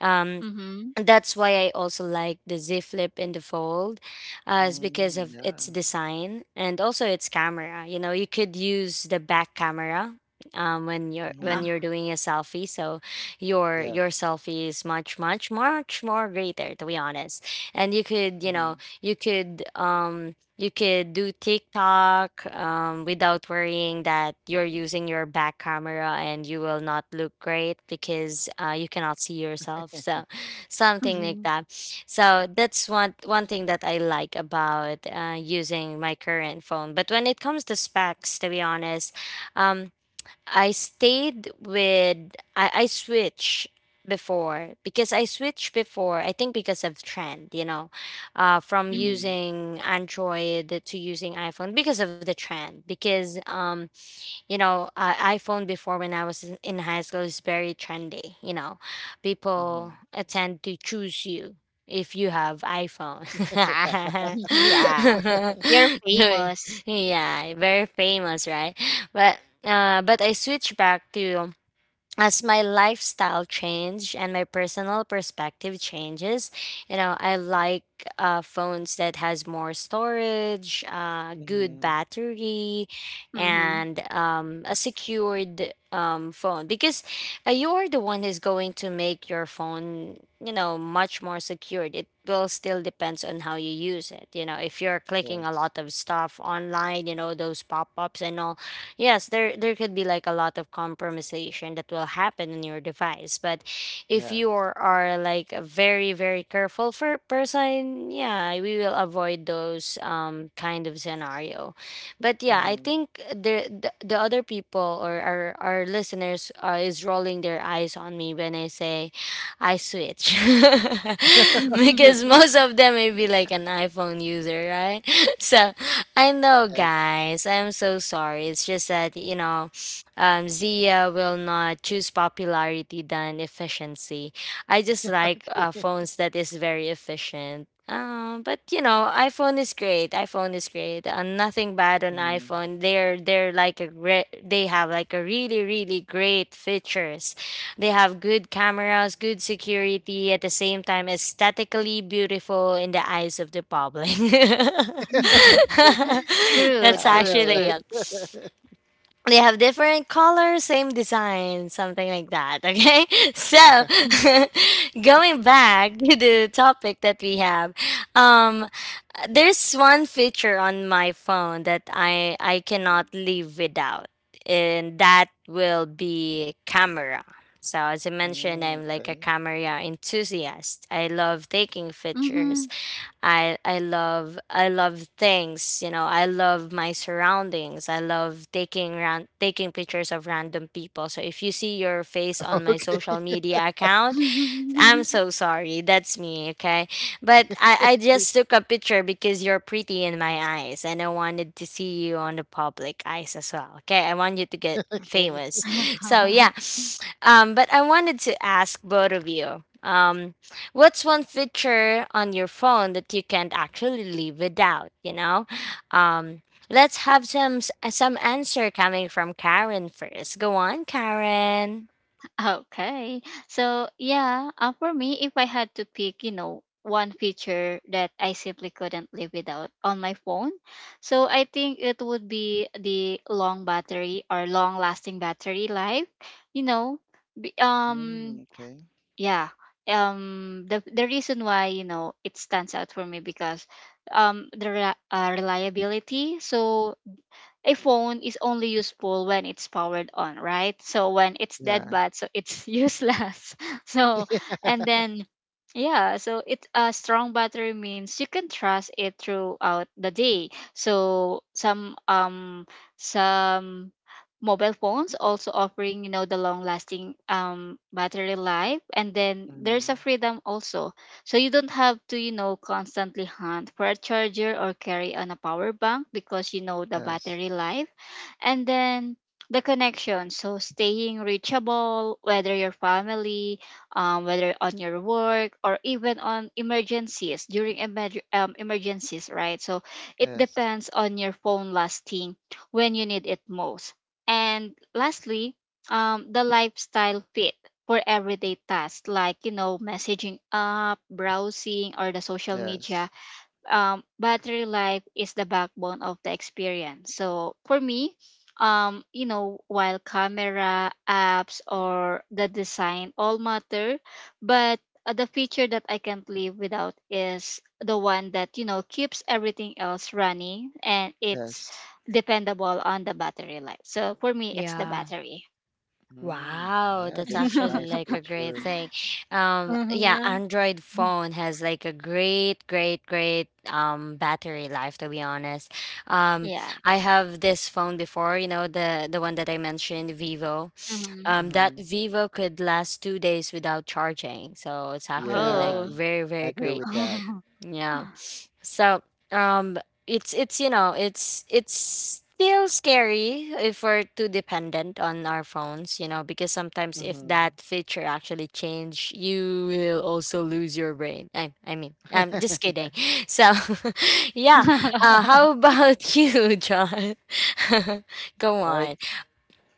Um,
Mm-hmm.
that's why I also like the Z Flip in the Fold, uh, is because
Hmm.
of its
Yeah.
design and also its camera. You know, you could use the back camera um, when you're
Uh-huh.
when
Hmm.
you're doing a selfie, so your
Yes.
your selfie is much much much more greater, to be honest. And you could you know
Hmm.
you could um you could do TikTok um, without worrying that you're using your back camera and you will not look great because uh, you cannot see yourself. So something
Mm-hmm.
like that. So that's one one thing that I like about uh, using my current phone. But when it comes to specs, to be honest, um, I stayed with I, I switch before because I switched before I think, because of trend, you know, uh, from
Mm-hmm.
Hmm.
using Android to using iPhone because of the trend, because um you know, uh, iPhone before, when I was in, in high school, is very trendy. You know,
Hmm.
people uh, tend to choose you if you have iPhone.
Yeah.
Yeah.
Yeah,
You're famous.
very famous, right? But uh, but I switched back to as my lifestyle change and my personal perspective changes, you know. I like uh, phones that has more storage, uh, good
Hmm.
battery,
Mm-hmm.
and um, a secured um, phone, because uh, you are the one who's going to make your phone, you know, much more secured. It will still depends on how you use it, you know. If you're clicking a lot
Yes.
of stuff online, you know, those pop-ups and all, yes, there there could be like a lot of compromisation that will happen in your device. But if you
Yes.
are, are like a very, very careful for person, yeah, we will avoid those um kind of scenario. But yeah, I
Hmm.
think the the, the other people or our our listeners uh, is rolling their eyes on me when I say I switch because most of them may be like an iPhone user, right? So I know,
Yes.
guys. I'm so sorry. It's just that, you know, um, Zia will not choose popularity than efficiency. I just like uh, phones that is very efficient. Um, but you know, iPhone is great. iPhone is great. Uh, nothing bad on
Mhm.
iPhone. They're they're like a re- they have like a really, really great features. They have good cameras, good security. At the same time, aesthetically beautiful in the eyes of the public.
True,
Yeah,
That's
I
true,
know,
actually it,
true.
right?
they have different colors, same design, something like that. Okay, so going back to the topic that we have, um, there's one feature on my phone that I I cannot live without, and that will be camera. So as I mentioned,
Mm,
I'm like a
okay.
camera enthusiast. I love taking pictures.
Mm-hmm.
I I love I love things, you know. I love my surroundings. I love taking ran- taking pictures of random people. So if you see your face on my
Okay.
social media account, I'm so sorry. That's me, okay? But I, I just took a picture because you're pretty in my eyes and I wanted to see you on the public eyes as well, okay? I want you to get
Okay.
famous. So, yeah. Um, but I wanted to ask both of you um, what's one feature on your phone that you can't actually live without, you know? Um, let's have some s- some answer coming from Karen first. Go on, Karen.
Okay. So, yeah, uh, for me, if I had to pick, you know, one feature that I simply couldn't live without on my phone, so I think it would be the long battery or long lasting battery life, you know, be- um
Mm, okay.
yeah. Um the the reason why, you know, it stands out for me because um the re- uh, reliability. So a phone is only useful when it's powered on, right? So when it's dead
Yeah.
bad, so it's useless. So and then yeah, so it a strong battery means you can trust it throughout the day. So some um some mobile phones also offering you know the long lasting um battery life, and then there's a
Mm,
freedom also, so you don't have to you know constantly hunt for a charger or carry on a power bank because you know the
yes.
battery life. And then the connection, so staying reachable whether your family, um, whether on your work, or even on emergencies during emerg- um, emergencies, right? So it
Yes.
depends on your phone lasting when you need it most. And lastly, um, the lifestyle fit for everyday tasks like, you know, messaging up, browsing, or the social media,
Yes.
um, battery life is the backbone of the experience. So for me, um, you know, while camera, apps, or the design all matter, but uh, the feature that I can't live without is the one that you know keeps everything else running, and it's
Yes.
dependable on the battery life. So for me, it's the
Yeah.
battery.
Mm,
Wow,
yeah,
that's
that's
actually
nice
like a great
feature.
thing. Um, yeah,
hmm
Android phone has like a great, great, great um battery life, to be honest. Um,
yeah.
I have this phone before, you know, the the one that I mentioned, Vivo.
hmm
Um, that
Mm-hmm.
Vivo could last two days without charging. So it's actually like
Yeah,
Oh.
very, very
I agree
great.
with that.
Yeah. So, um, it's it's you know it's it's still scary if we're too dependent on our phones, you know, because sometimes if
Mm-hmm.
that feature actually change, you will also lose your brain. I I mean, I'm just kidding. So, yeah. Uh, how about you, John? Go
All right.
on.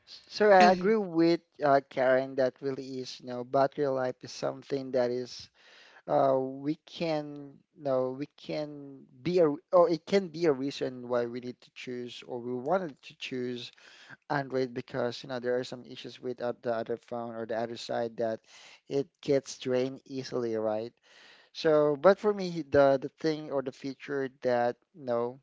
S- So I
Mhm.
agree with uh, Karen that really is, you know, battery life is something that is uh, we can no, we can be a, or it can be a reason why we need to choose or we wanted to choose Android, because you know there are some issues with uh, the other phone or the other side, that it gets drained easily, right? So, but for me, the the thing or the feature that you know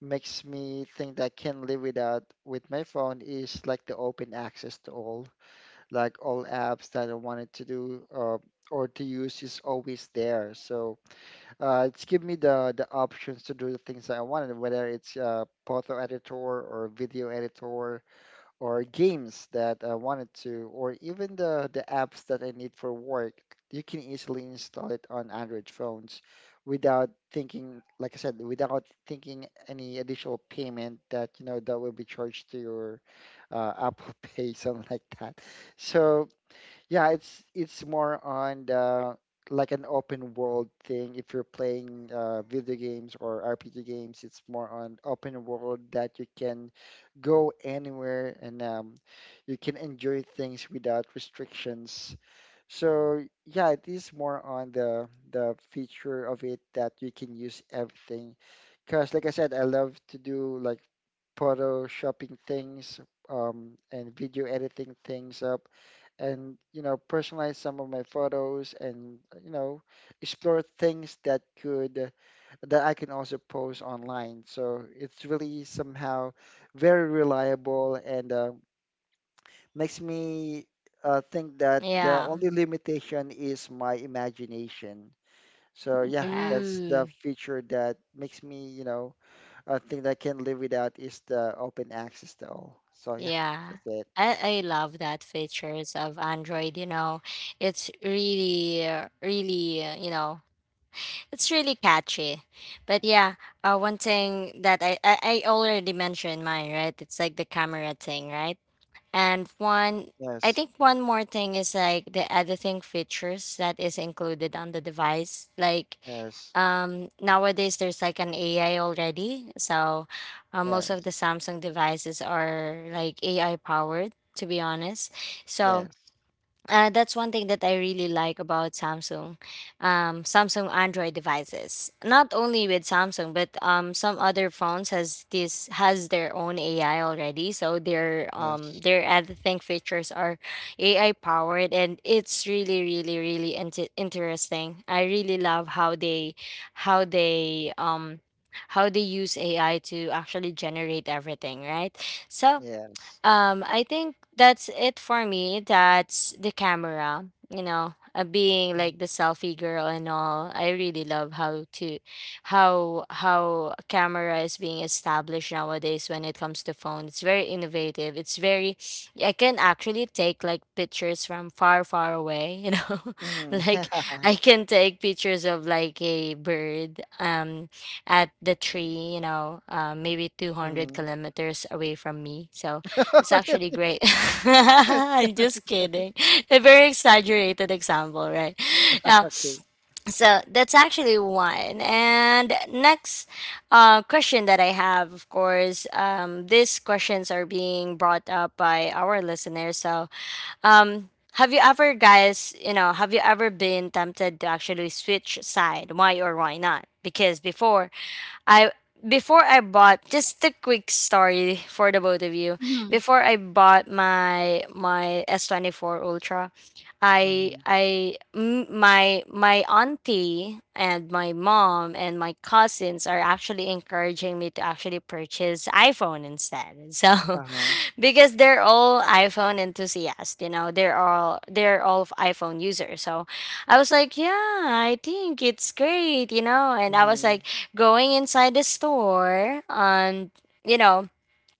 makes me think that I can live without with my phone is like the open access to all, like all apps that I wanted to do, uh, or to use, is always there. So uh, it's give me the the options to do the things that I wanted, whether it's uh, photo editor or video editor, or games that I wanted to, or even the the apps that I need for work. You can easily install it on Android phones without thinking, like I said, without thinking any additional payment that you know that will be charged to your uh, Apple Pay, something like that. So yeah, it's it's more on the, like, an open world thing. If you're playing uh, video games or R P G games, it's more on open world, that you can go anywhere, and um, you can enjoy things without restrictions. So yeah, it is more on the the feature of it, that you can use everything. Because, like I said, I love to do like photoshopping things um, and video editing things up, and you know personalize some of my photos, and you know explore things that could that I can also post online. So it's really somehow very reliable and uh, makes me uh, think that the
Yeah.
only limitation is my imagination. So yeah,
yeah.
that's the
Ooh.
feature that makes me, you know, a thing that I can live without is the open access to all. So yeah,
Yeah.
that's it.
I, I love that features of Android, you know. It's really uh, really, uh, you know, it's really catchy. But yeah, uh, one thing that I, I I already mentioned mine, right? It's like the camera thing, right? And one, I
Yes,
think one more thing is like the editing features that is included on the device. Like
yes,
um, nowadays, there's like an A I already. So uh, most of the
yes,
Samsung devices are like A I powered, to be honest. So
yes,
uh, that's one thing that I really like about Samsung, um, Samsung Android devices. Not only with Samsung, but um, some other phones has this has their own A I already. So their um
yes,
their ad think features are A I powered, and it's really, really, really inter- interesting. I really love how they how they um how they use A I to actually generate everything, right? So
yes.
um, I think that's it for me. That's the camera, you know, uh, being like
Mm,
the selfie girl and all. I really love how to how how a camera is being established nowadays when it comes to phone. It's very innovative. It's very I can actually take like pictures from far, far away, you know.
mm,
Like
yeah.
I can take pictures of like a bird um at the tree, you know, uh, maybe 200
Mm.
kilometers away from me. So it's actually
Really?
great. I'm just kidding. A very exaggerated example, right? Yeah.
Okay.
So that's actually one. And next uh, question that I have, of course, um, these questions are being brought up by our listeners. So, um, have you ever, guys, you know, have you ever been tempted to actually switch side? Why or why not? Because before, I before I bought, just a quick story for the both of you.
hmm
Before I bought my my S twenty-four Ultra, I
Mm-hmm.
I m- my my auntie and my mom and my cousins are actually encouraging me to actually purchase iPhone instead. So
Uh-huh.
because they're all iPhone enthusiasts, you know. They're all they're all of iPhone users. So I was like, yeah, I think it's great, you know. And I was
Mm-hmm.
like going inside the store and, you know,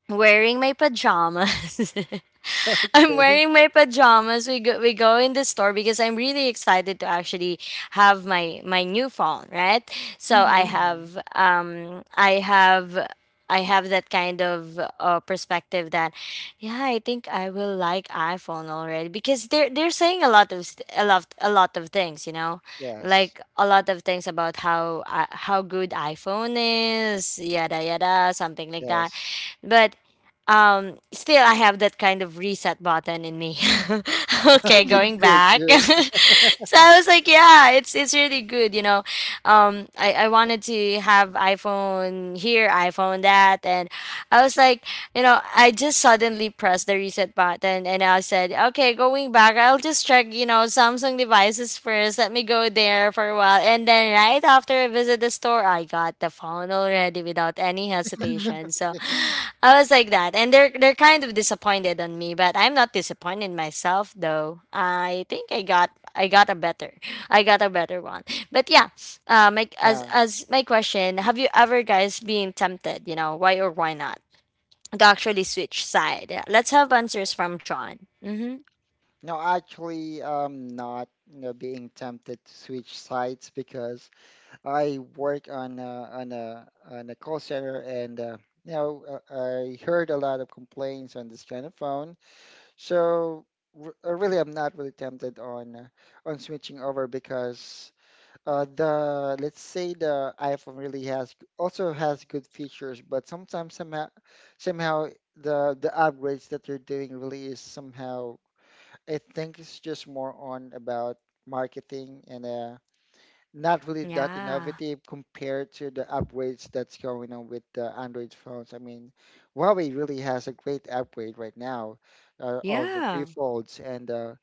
wearing my pajamas. I'm
Okay.
wearing my pajamas. We go we go in the store because I'm really excited to actually have my my new phone, right? So I
Mm-hmm.
have um I have I have that kind of uh, perspective that, yeah, I think I will like iPhone already because they're they're saying a lot of st- a lot a lot of things, you know,
Yes.
like a lot of things about how uh, how good iPhone is, yada yada, something like that.
Yes.
But um, still, I have that kind of reset button in me. Okay,
Okay.
hmm
going
Good.
back.
Good.
So I was like, yeah, it's it's really good, you know. Um I, I wanted to have iPhone here, iPhone that, and I was like, you know, I just suddenly pressed the reset button and I said, "Okay, going back, I'll just check, you know, Samsung devices first. Let me go there for a while." And then right after I visit the store, I got the phone already without any hesitation. So I was like that. And they're they're kind of disappointed on me, but I'm not disappointed in myself though. I think I got I got a better. I got a better one. But yeah, uh, my as
Yeah.
as my question, have you ever guys been tempted, you know, why or why not, to actually switch side? Yeah, let's have answers from John. Mhm.
No, actually, I'm not, you know, being tempted to switch sites, because I work on a, on a on a call center, and uh, you know, uh, I heard a lot of complaints on this kind of phone. So r uh, really, I'm not really tempted on uh, on switching over, because uh, the, let's say, the iPhone really has, also has good features, but sometimes somehow somehow the the upgrades that they're doing really is somehow. I think it's just more on about marketing, and uh, not really that
Yeah.
innovative compared to the upgrades that's going on with the Android phones. I mean, Huawei really has a great upgrade right now uh, of the three
Yeah.
folds, and uh,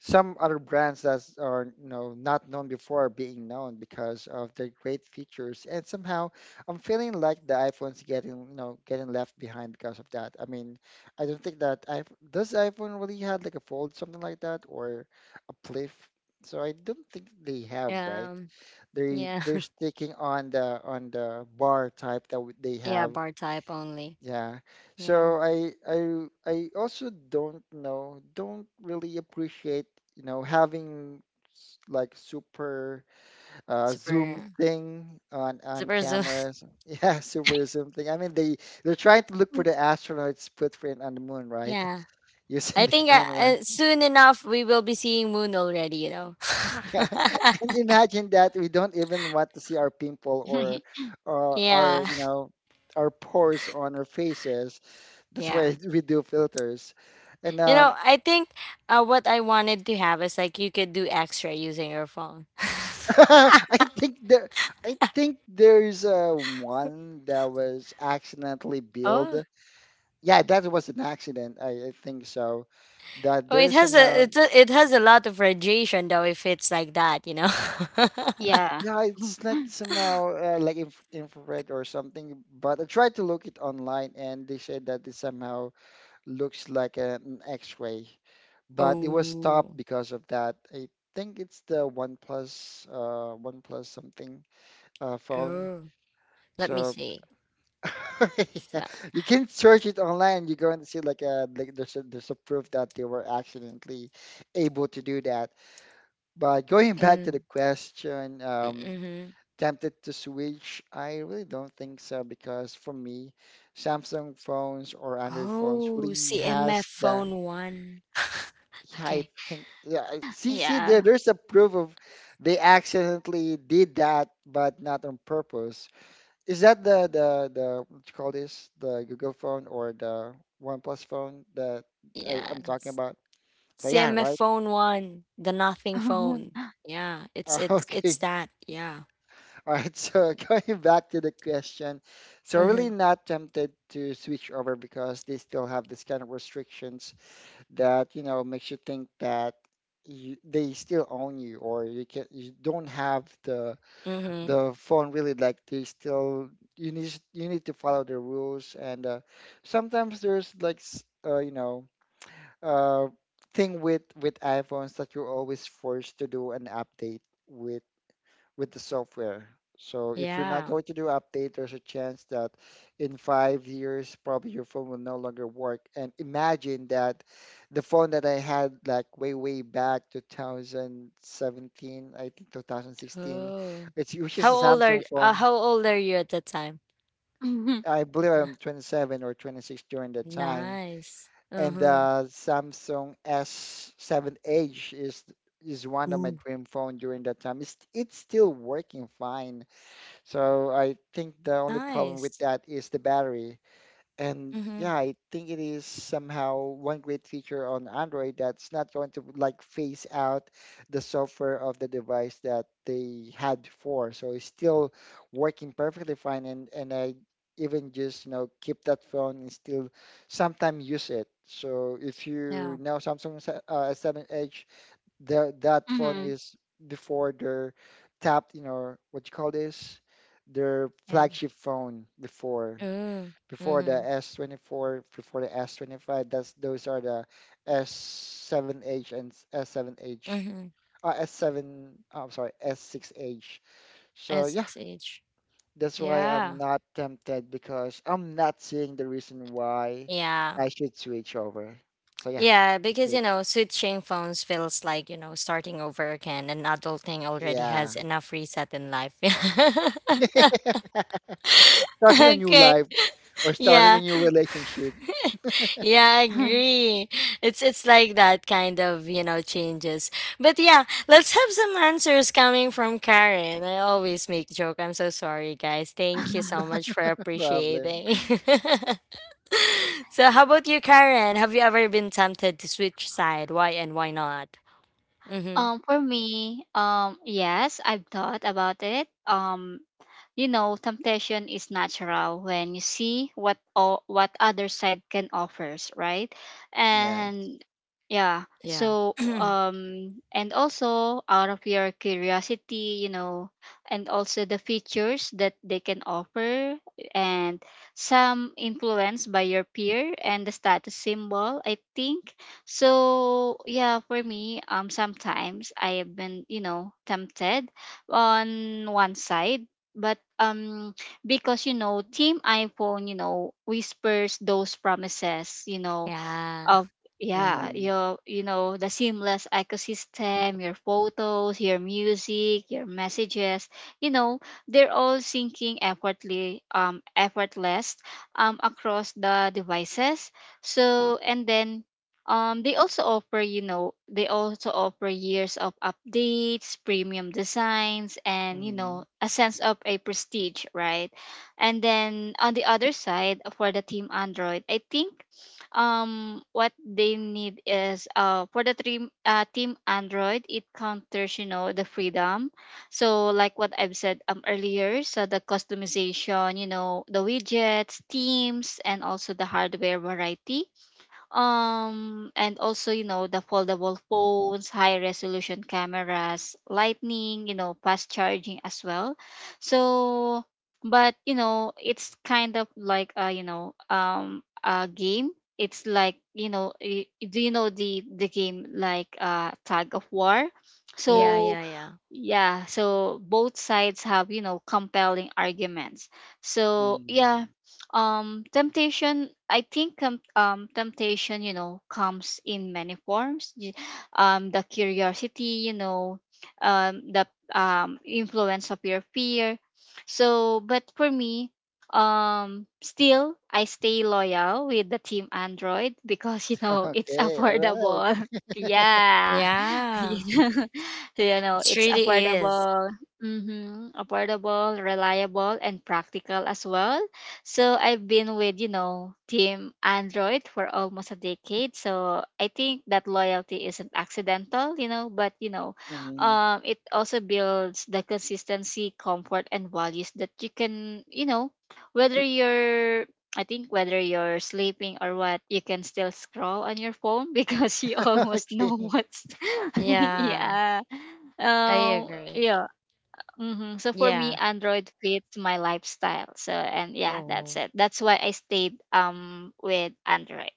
some other brands that are you know not known before are being known because of their great features. And somehow I'm feeling like the iPhone's getting you know getting left behind because of that. I mean, I don't think that I does iPhone really had like a fold, something like that, or a flip. So I don't think they have, right?
Um.
they
Yeah.
they're sticking on the on the bar type that w- they
Yeah.
have.
Bar type only.
Yeah,
Yeah.
so i i i also don't know, don't really appreciate you know having s- like super uh zoom
Super.
thing on on
Super zoom.
cameras. Yeah, super zoom thing. I mean, they they're trying to look for the astronauts footprint on the moon, right?
Yeah.
using
I
the
think uh,
camera.
uh, soon enough we will be seeing moon already. You know.
Yeah, and imagine that we don't even want to see our pimple or, or, or
Yeah.
you know, our pores on our faces. That's
Yeah.
why we do filters, and
You know,
um,
I think uh, what I wanted to have is like you could do extra using your phone.
I think there, I think there's uh, one that was accidentally built.
Oh,
Yeah, that was an accident. I, I think so. That
oh, it
there's
has a
somehow,
it it has a lot of radiation though if it's like that, you know.
Yeah.
yeah, it's like somehow uh, like inf infrared or something. But I tried to look it online, and they said that it's somehow looks like an X-ray, but it was stopped
Oh,
because of that. I think it's the OnePlus, uh, OnePlus something uh, phone.
oh, let me
So
see.
yeah,
Fa-
you can search it online. You're going to see like a like there's a, there's a proof that they were accidentally able to do that. But going back to the
Mm,
question, um,
mm-hmm.
tempted to switch? I really don't think so, because for me, Samsung phones or Android phones
Oh,
really
C M F
has that.
phone one.
Yeah, I
Okay,
think yeah. I- See, see, there,
Yeah.
there's a proof of, they accidentally did that, but not on purpose. Is that the the the, what you call this? The Google phone, or the OnePlus phone that I, I'm talking
yes,
about? So yeah,
C M F
right.
phone one, the nothing phone. Yeah, it's
Uh,
it's it's
okay.
that. Yeah.
All right. So going back to the question, so really not tempted to switch over, because they still have this kind of restrictions that you know makes you think that you, they still own you, or you can you don't have the
Mm-hmm.
the phone, really, like they still, you need you need to follow the rules. And uh, sometimes there's, like, s- uh, you know uh, thing with with iPhones, that you're always forced to do an update with with the software. So if you're not
Yeah.
going to do update, there's a chance that in five years, probably your phone will no longer work. And imagine that the phone that I had like way, way back two thousand seventeen, I think twenty sixteen,
Oh.
it's, which is
How
a
old are
Samsung
uh,
phone.
how old are you at that time?
Mhm.
I believe
Uh,
I'm twenty seven or twenty six during that time.
nice.
And
Uh-huh.
the Samsung S seven Edge is is one of my
Ooh.
dream phone during that time. It's it's still working fine. So I think the only problem with
Nice.
that is the battery. And
Mm-hmm.
yeah, I think it is somehow one great feature on Android, that's not going to like phase out the software of the device that they had before. So it's still working perfectly fine, and and I even just, you know, keep that phone and still sometimes use it. So if you
Yeah.
know Samsung, S- uh, S seven Edge, the that phone
mhm.
is, before their tapped, you know, what you call this, their
Yeah.
flagship phone before
Ooh.
before the
Mm-hmm.
S twenty four, before the S twenty five. That's Those are the S seven H and S seven H.
Mm-hmm.
Uh, S seven, I'm sorry, S six H. So
At
yeah,
six age.
that's why I'm
Yeah.
not tempted, because I'm not seeing the reason why
Yeah.
I should switch over. So yeah,
Yeah, because
that's
you
it.
know, switching phones feels like, you know, starting over again. An adult thing already has
Yeah.
enough reset in life.
Starting a new
Okay.
life. Or starting a
Yeah.
new relationship,
Yeah, I agree. It's it's like that kind of, you know, changes. But yeah, let's have some answers coming from Karen. I always make joke. I'm so sorry, guys. Thank you so much for
problem.
appreciating. So, how about you, Karen? Have you ever been tempted to switch side? Why and why not? Mhm.
Um, for me, um, yes, I've thought about it. Um, you know temptation is natural when you see what o- what other side can offers, right?
Yes.
And yeah,
Yeah.
so um and also out of your curiosity, you know, and also the features that they can offer, and some influence by your peer and the status symbol, I think. So yeah, for me, um sometimes I have been, you know, tempted on one side, but um because you know team iPhone you know whispers those promises, you know,
Yeah.
of yeah,
Mm-hmm.
your you know the seamless ecosystem, your photos, your music, your messages, you know, they're all syncing effortlessly, um effortless um across the devices. So and then um they also offer, you know, they also offer years of updates, premium designs, and you
Mm-hmm.
know a sense of a prestige, right? And then on the other side for the team Android, I think um what they need is uh for the team uh, team Android, it counters you know the freedom. So like what I've said um earlier, so the customization, you know, the widgets, themes, and also the hardware variety, um and also you know the foldable phones, high resolution cameras, lightning, you know, fast charging as well. So but you know it's kind of like a, you know, um a game. It's like, you know, y- do you know the the game like uh tag of war?
Yeah,
Yes.
So
yeah, yeah.
yeah, so both sides have, you know, compelling arguments. So yeah,
Mm-hmm.
um temptation I think um, um temptation, you know, comes in many forms. Y- um the curiosity, you know, um the um influence of your fear. So but for me, um still I stay loyal with the team Android because you know it's
Okay. All
affordable.
right.
Yeah.
Yeah.
You know, so you know
It
it's
really is.
affordable. Hmm Affordable, reliable, and practical as well. So I've been with, you know, team Android for almost a decade, so I think that loyalty isn't accidental, you know, but you know
Mm-hmm.
um it also builds the consistency, comfort, and values that you can, you know, whether you're, I think whether you're sleeping or what, you can still scroll on your phone because you almost know
Okay.
what's
Yeah.
yeah.
I
Um,
agree.
yeah. hmm So for me,
Yeah.
Android fits my lifestyle. So and yeah, that's
Oh.
it. That's why I stayed um with Android.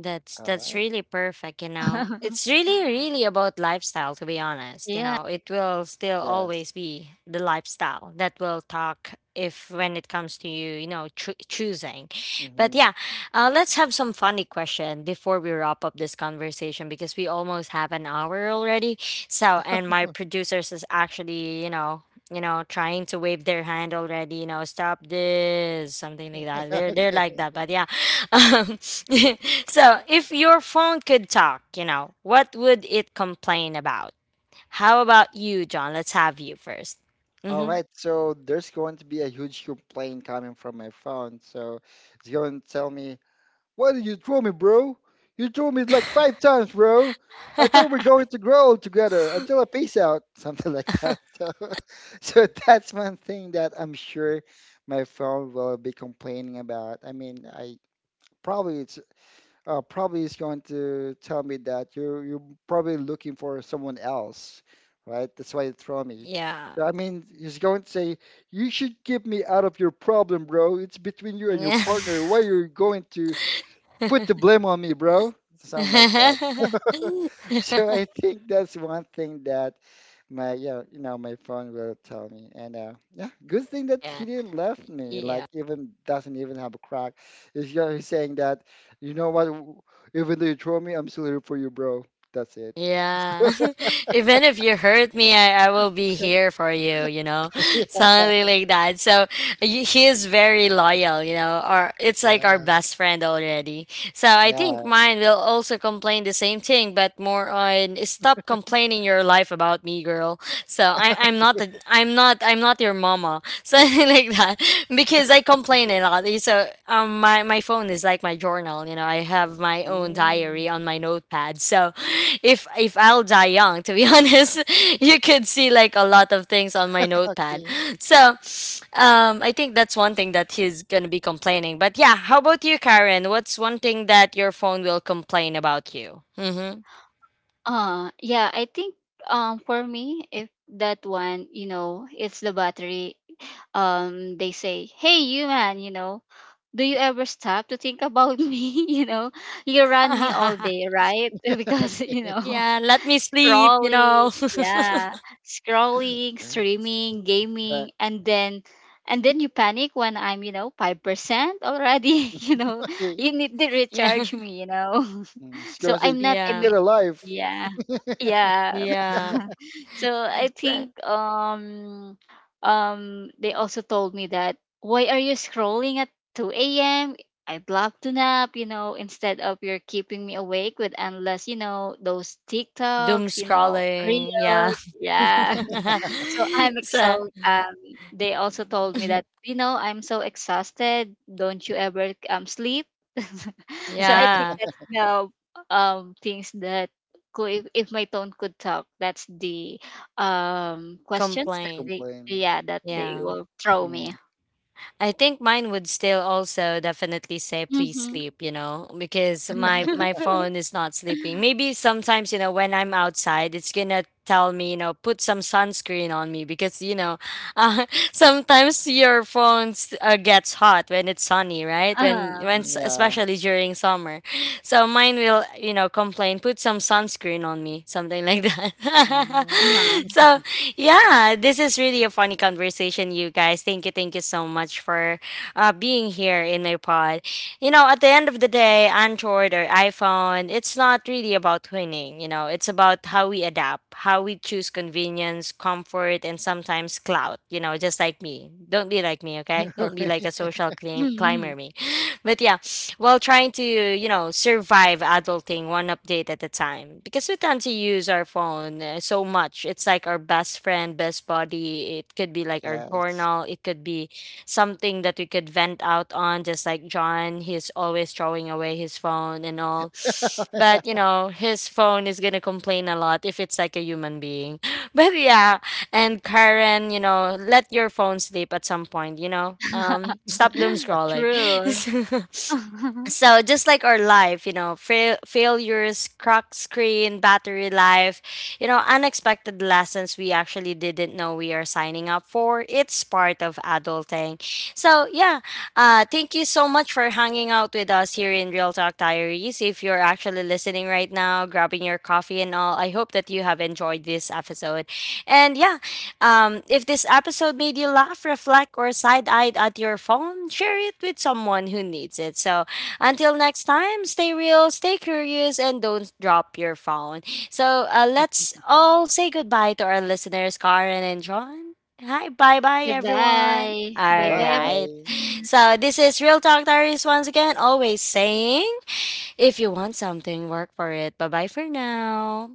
That's
All
that's
right.
really perfect, you know. It's really really about lifestyle, to be honest, you
yeah.
know. It will still
Yes.
always be the lifestyle that will talk if when it comes to you, you know, choo- choosing. But
Mm-hmm.
yeah, uh, let's have some funny question before we wrap up this conversation because we almost have an hour already. So, and my producers is actually, you know, you know, trying to wave their hand already, you know, stop this, something like that. They're they're like
Okay.
that. But yeah, um, so, if your phone could talk, you know, what would it complain about? How about you, John? Let's have you first.
All
Mm-hmm.
right. So there's going to be a huge complaint coming from my phone. So it's going to tell me, "Why did you throw me, bro? You threw me like five times, bro. I thought we're going to grow old together until I peace out," something like that. So, so that's one thing that I'm sure my phone will be complaining about. I mean, I probably it's uh, probably it's going to tell me that you're you're probably looking for someone else, right? That's why you throw me.
Yeah.
So I mean, he's going to say, "You should keep me out of your problem, bro. It's between you and your partner. Why you're going to put the blame on me, bro?" Something like that. So I think that's one thing that my you know, you know my phone will tell me. And uh, yeah, good thing that
Yeah.
he didn't left me. Like,
Yeah.
even doesn't even have a crack. If you're saying that, you know what? w- Even though you throw me, I'm still here for you, bro. That's it.
Yeah. Even if you hurt me, I, I will be here for you, you know?
Yeah,
Something like that. So y- he is very loyal, you know? Or it's like our
yeah,
best friend already. So I think
yeah.
mine will also complain the same thing, but more on stop complaining your life about me, girl. So I, I'm not the, I'm not I'm not your mama, something like that, because I complain a lot. So um my, my phone is like my journal, you know. I have my own
Mm,
diary on my notepad. So if if I'll die young, to be honest, you could see like a lot of things on my notepad.
see,
So um I think that's one thing that he's gonna be complaining. But yeah, how about you, Karen, what's one thing that your phone will complain about you? Mm-hmm.
Uh yeah, I think um for me, if that one, you know, it's the battery. Um, they say, hey, you man, you know, do you ever stop to think about me? You know, you run me all day, right? Because, you know,
Yeah, let me sleep, you know.
scrolling, yeah, scrolling,
so,
streaming,
uh,
gaming, and then and then you panic when I'm, you know, five percent already, you know.
okay.
You need to
Yeah.
recharge me, you know.
Mm, she's
So
gonna say,
I'm not a
Yeah.
get a life.
yeah. Yeah,
Yeah.
so I think
So,
um um they also told me that why are you scrolling at two a m. I'd love to nap, you know, instead of you're keeping me awake with endless, you know, those
doom
TikToks, you know,
scrolling. Yeah.
reels. Yeah. So I'm
So,
exhausted. Um, they also told me that, you know, I'm so exhausted. Don't you ever um sleep? So I think
yeah.
that's the um things that could, if, if my tone could talk, that's the um questions that
Complain.
they
Complain.
yeah that they
Yeah.
will throw me.
Mm,
I think mine would still also definitely say please
Mm-hmm.
sleep, you know, because my my phone is not sleeping. Maybe sometimes, you know, when I'm outside, it's going to tell me, you know, put some sunscreen on me, because, you know, uh, sometimes your phone uh, gets hot when it's sunny, right? When when
um,
s-
yeah.
especially during summer. So mine will, you know, complain, put some sunscreen on me, something like that.
Mm.
uh,
So yeah, this is really a funny conversation, you guys. Thank you, thank you so much for uh, being here in my pod. You know, at the end of the day, Android or iPhone, it's not really about winning. You know, it's about how we adapt, how we choose convenience, comfort, and sometimes clout. You know, just like me. Don't be like me, okay? Don't be like a social clim-
mm-hmm.
climber me. But yeah, while trying to, you know, survive adulting one update at a time. Because we tend to use our phone uh, so much. It's like our best friend, best buddy. It could be like our
Yes.
journal. It could be something that we could vent out on, just like John. He's always throwing away his phone and all. But, you know, his phone is going to complain a lot if it's like a human being. But yeah, and Karen, you know, let your phone sleep at some point, you know. Um, stop doom scrolling.
True.
So just like our life, you know, fail- failures, cracked screen, battery life, you know, unexpected lessons we actually didn't know we are signing up for. It's part of adulting. So yeah, uh thank you so much for hanging out with us here in Real Talk Diaries. If you're actually listening right now, grabbing your coffee and all, I hope that you have enjoyed this episode. And yeah, um, if this episode made you laugh, reflect, or side eyed at your phone, share it with someone who needs it. So, until next time, stay real, stay curious, and don't drop your phone. So uh, let's all say goodbye to our listeners, Karen and John. Hi, bye bye, everyone.
Goodbye. Bye
All
bye
right.
Goodbye.
everyone.
So this is Real Talk Diaries once again, always saying if you want something, work for it. Bye bye for now.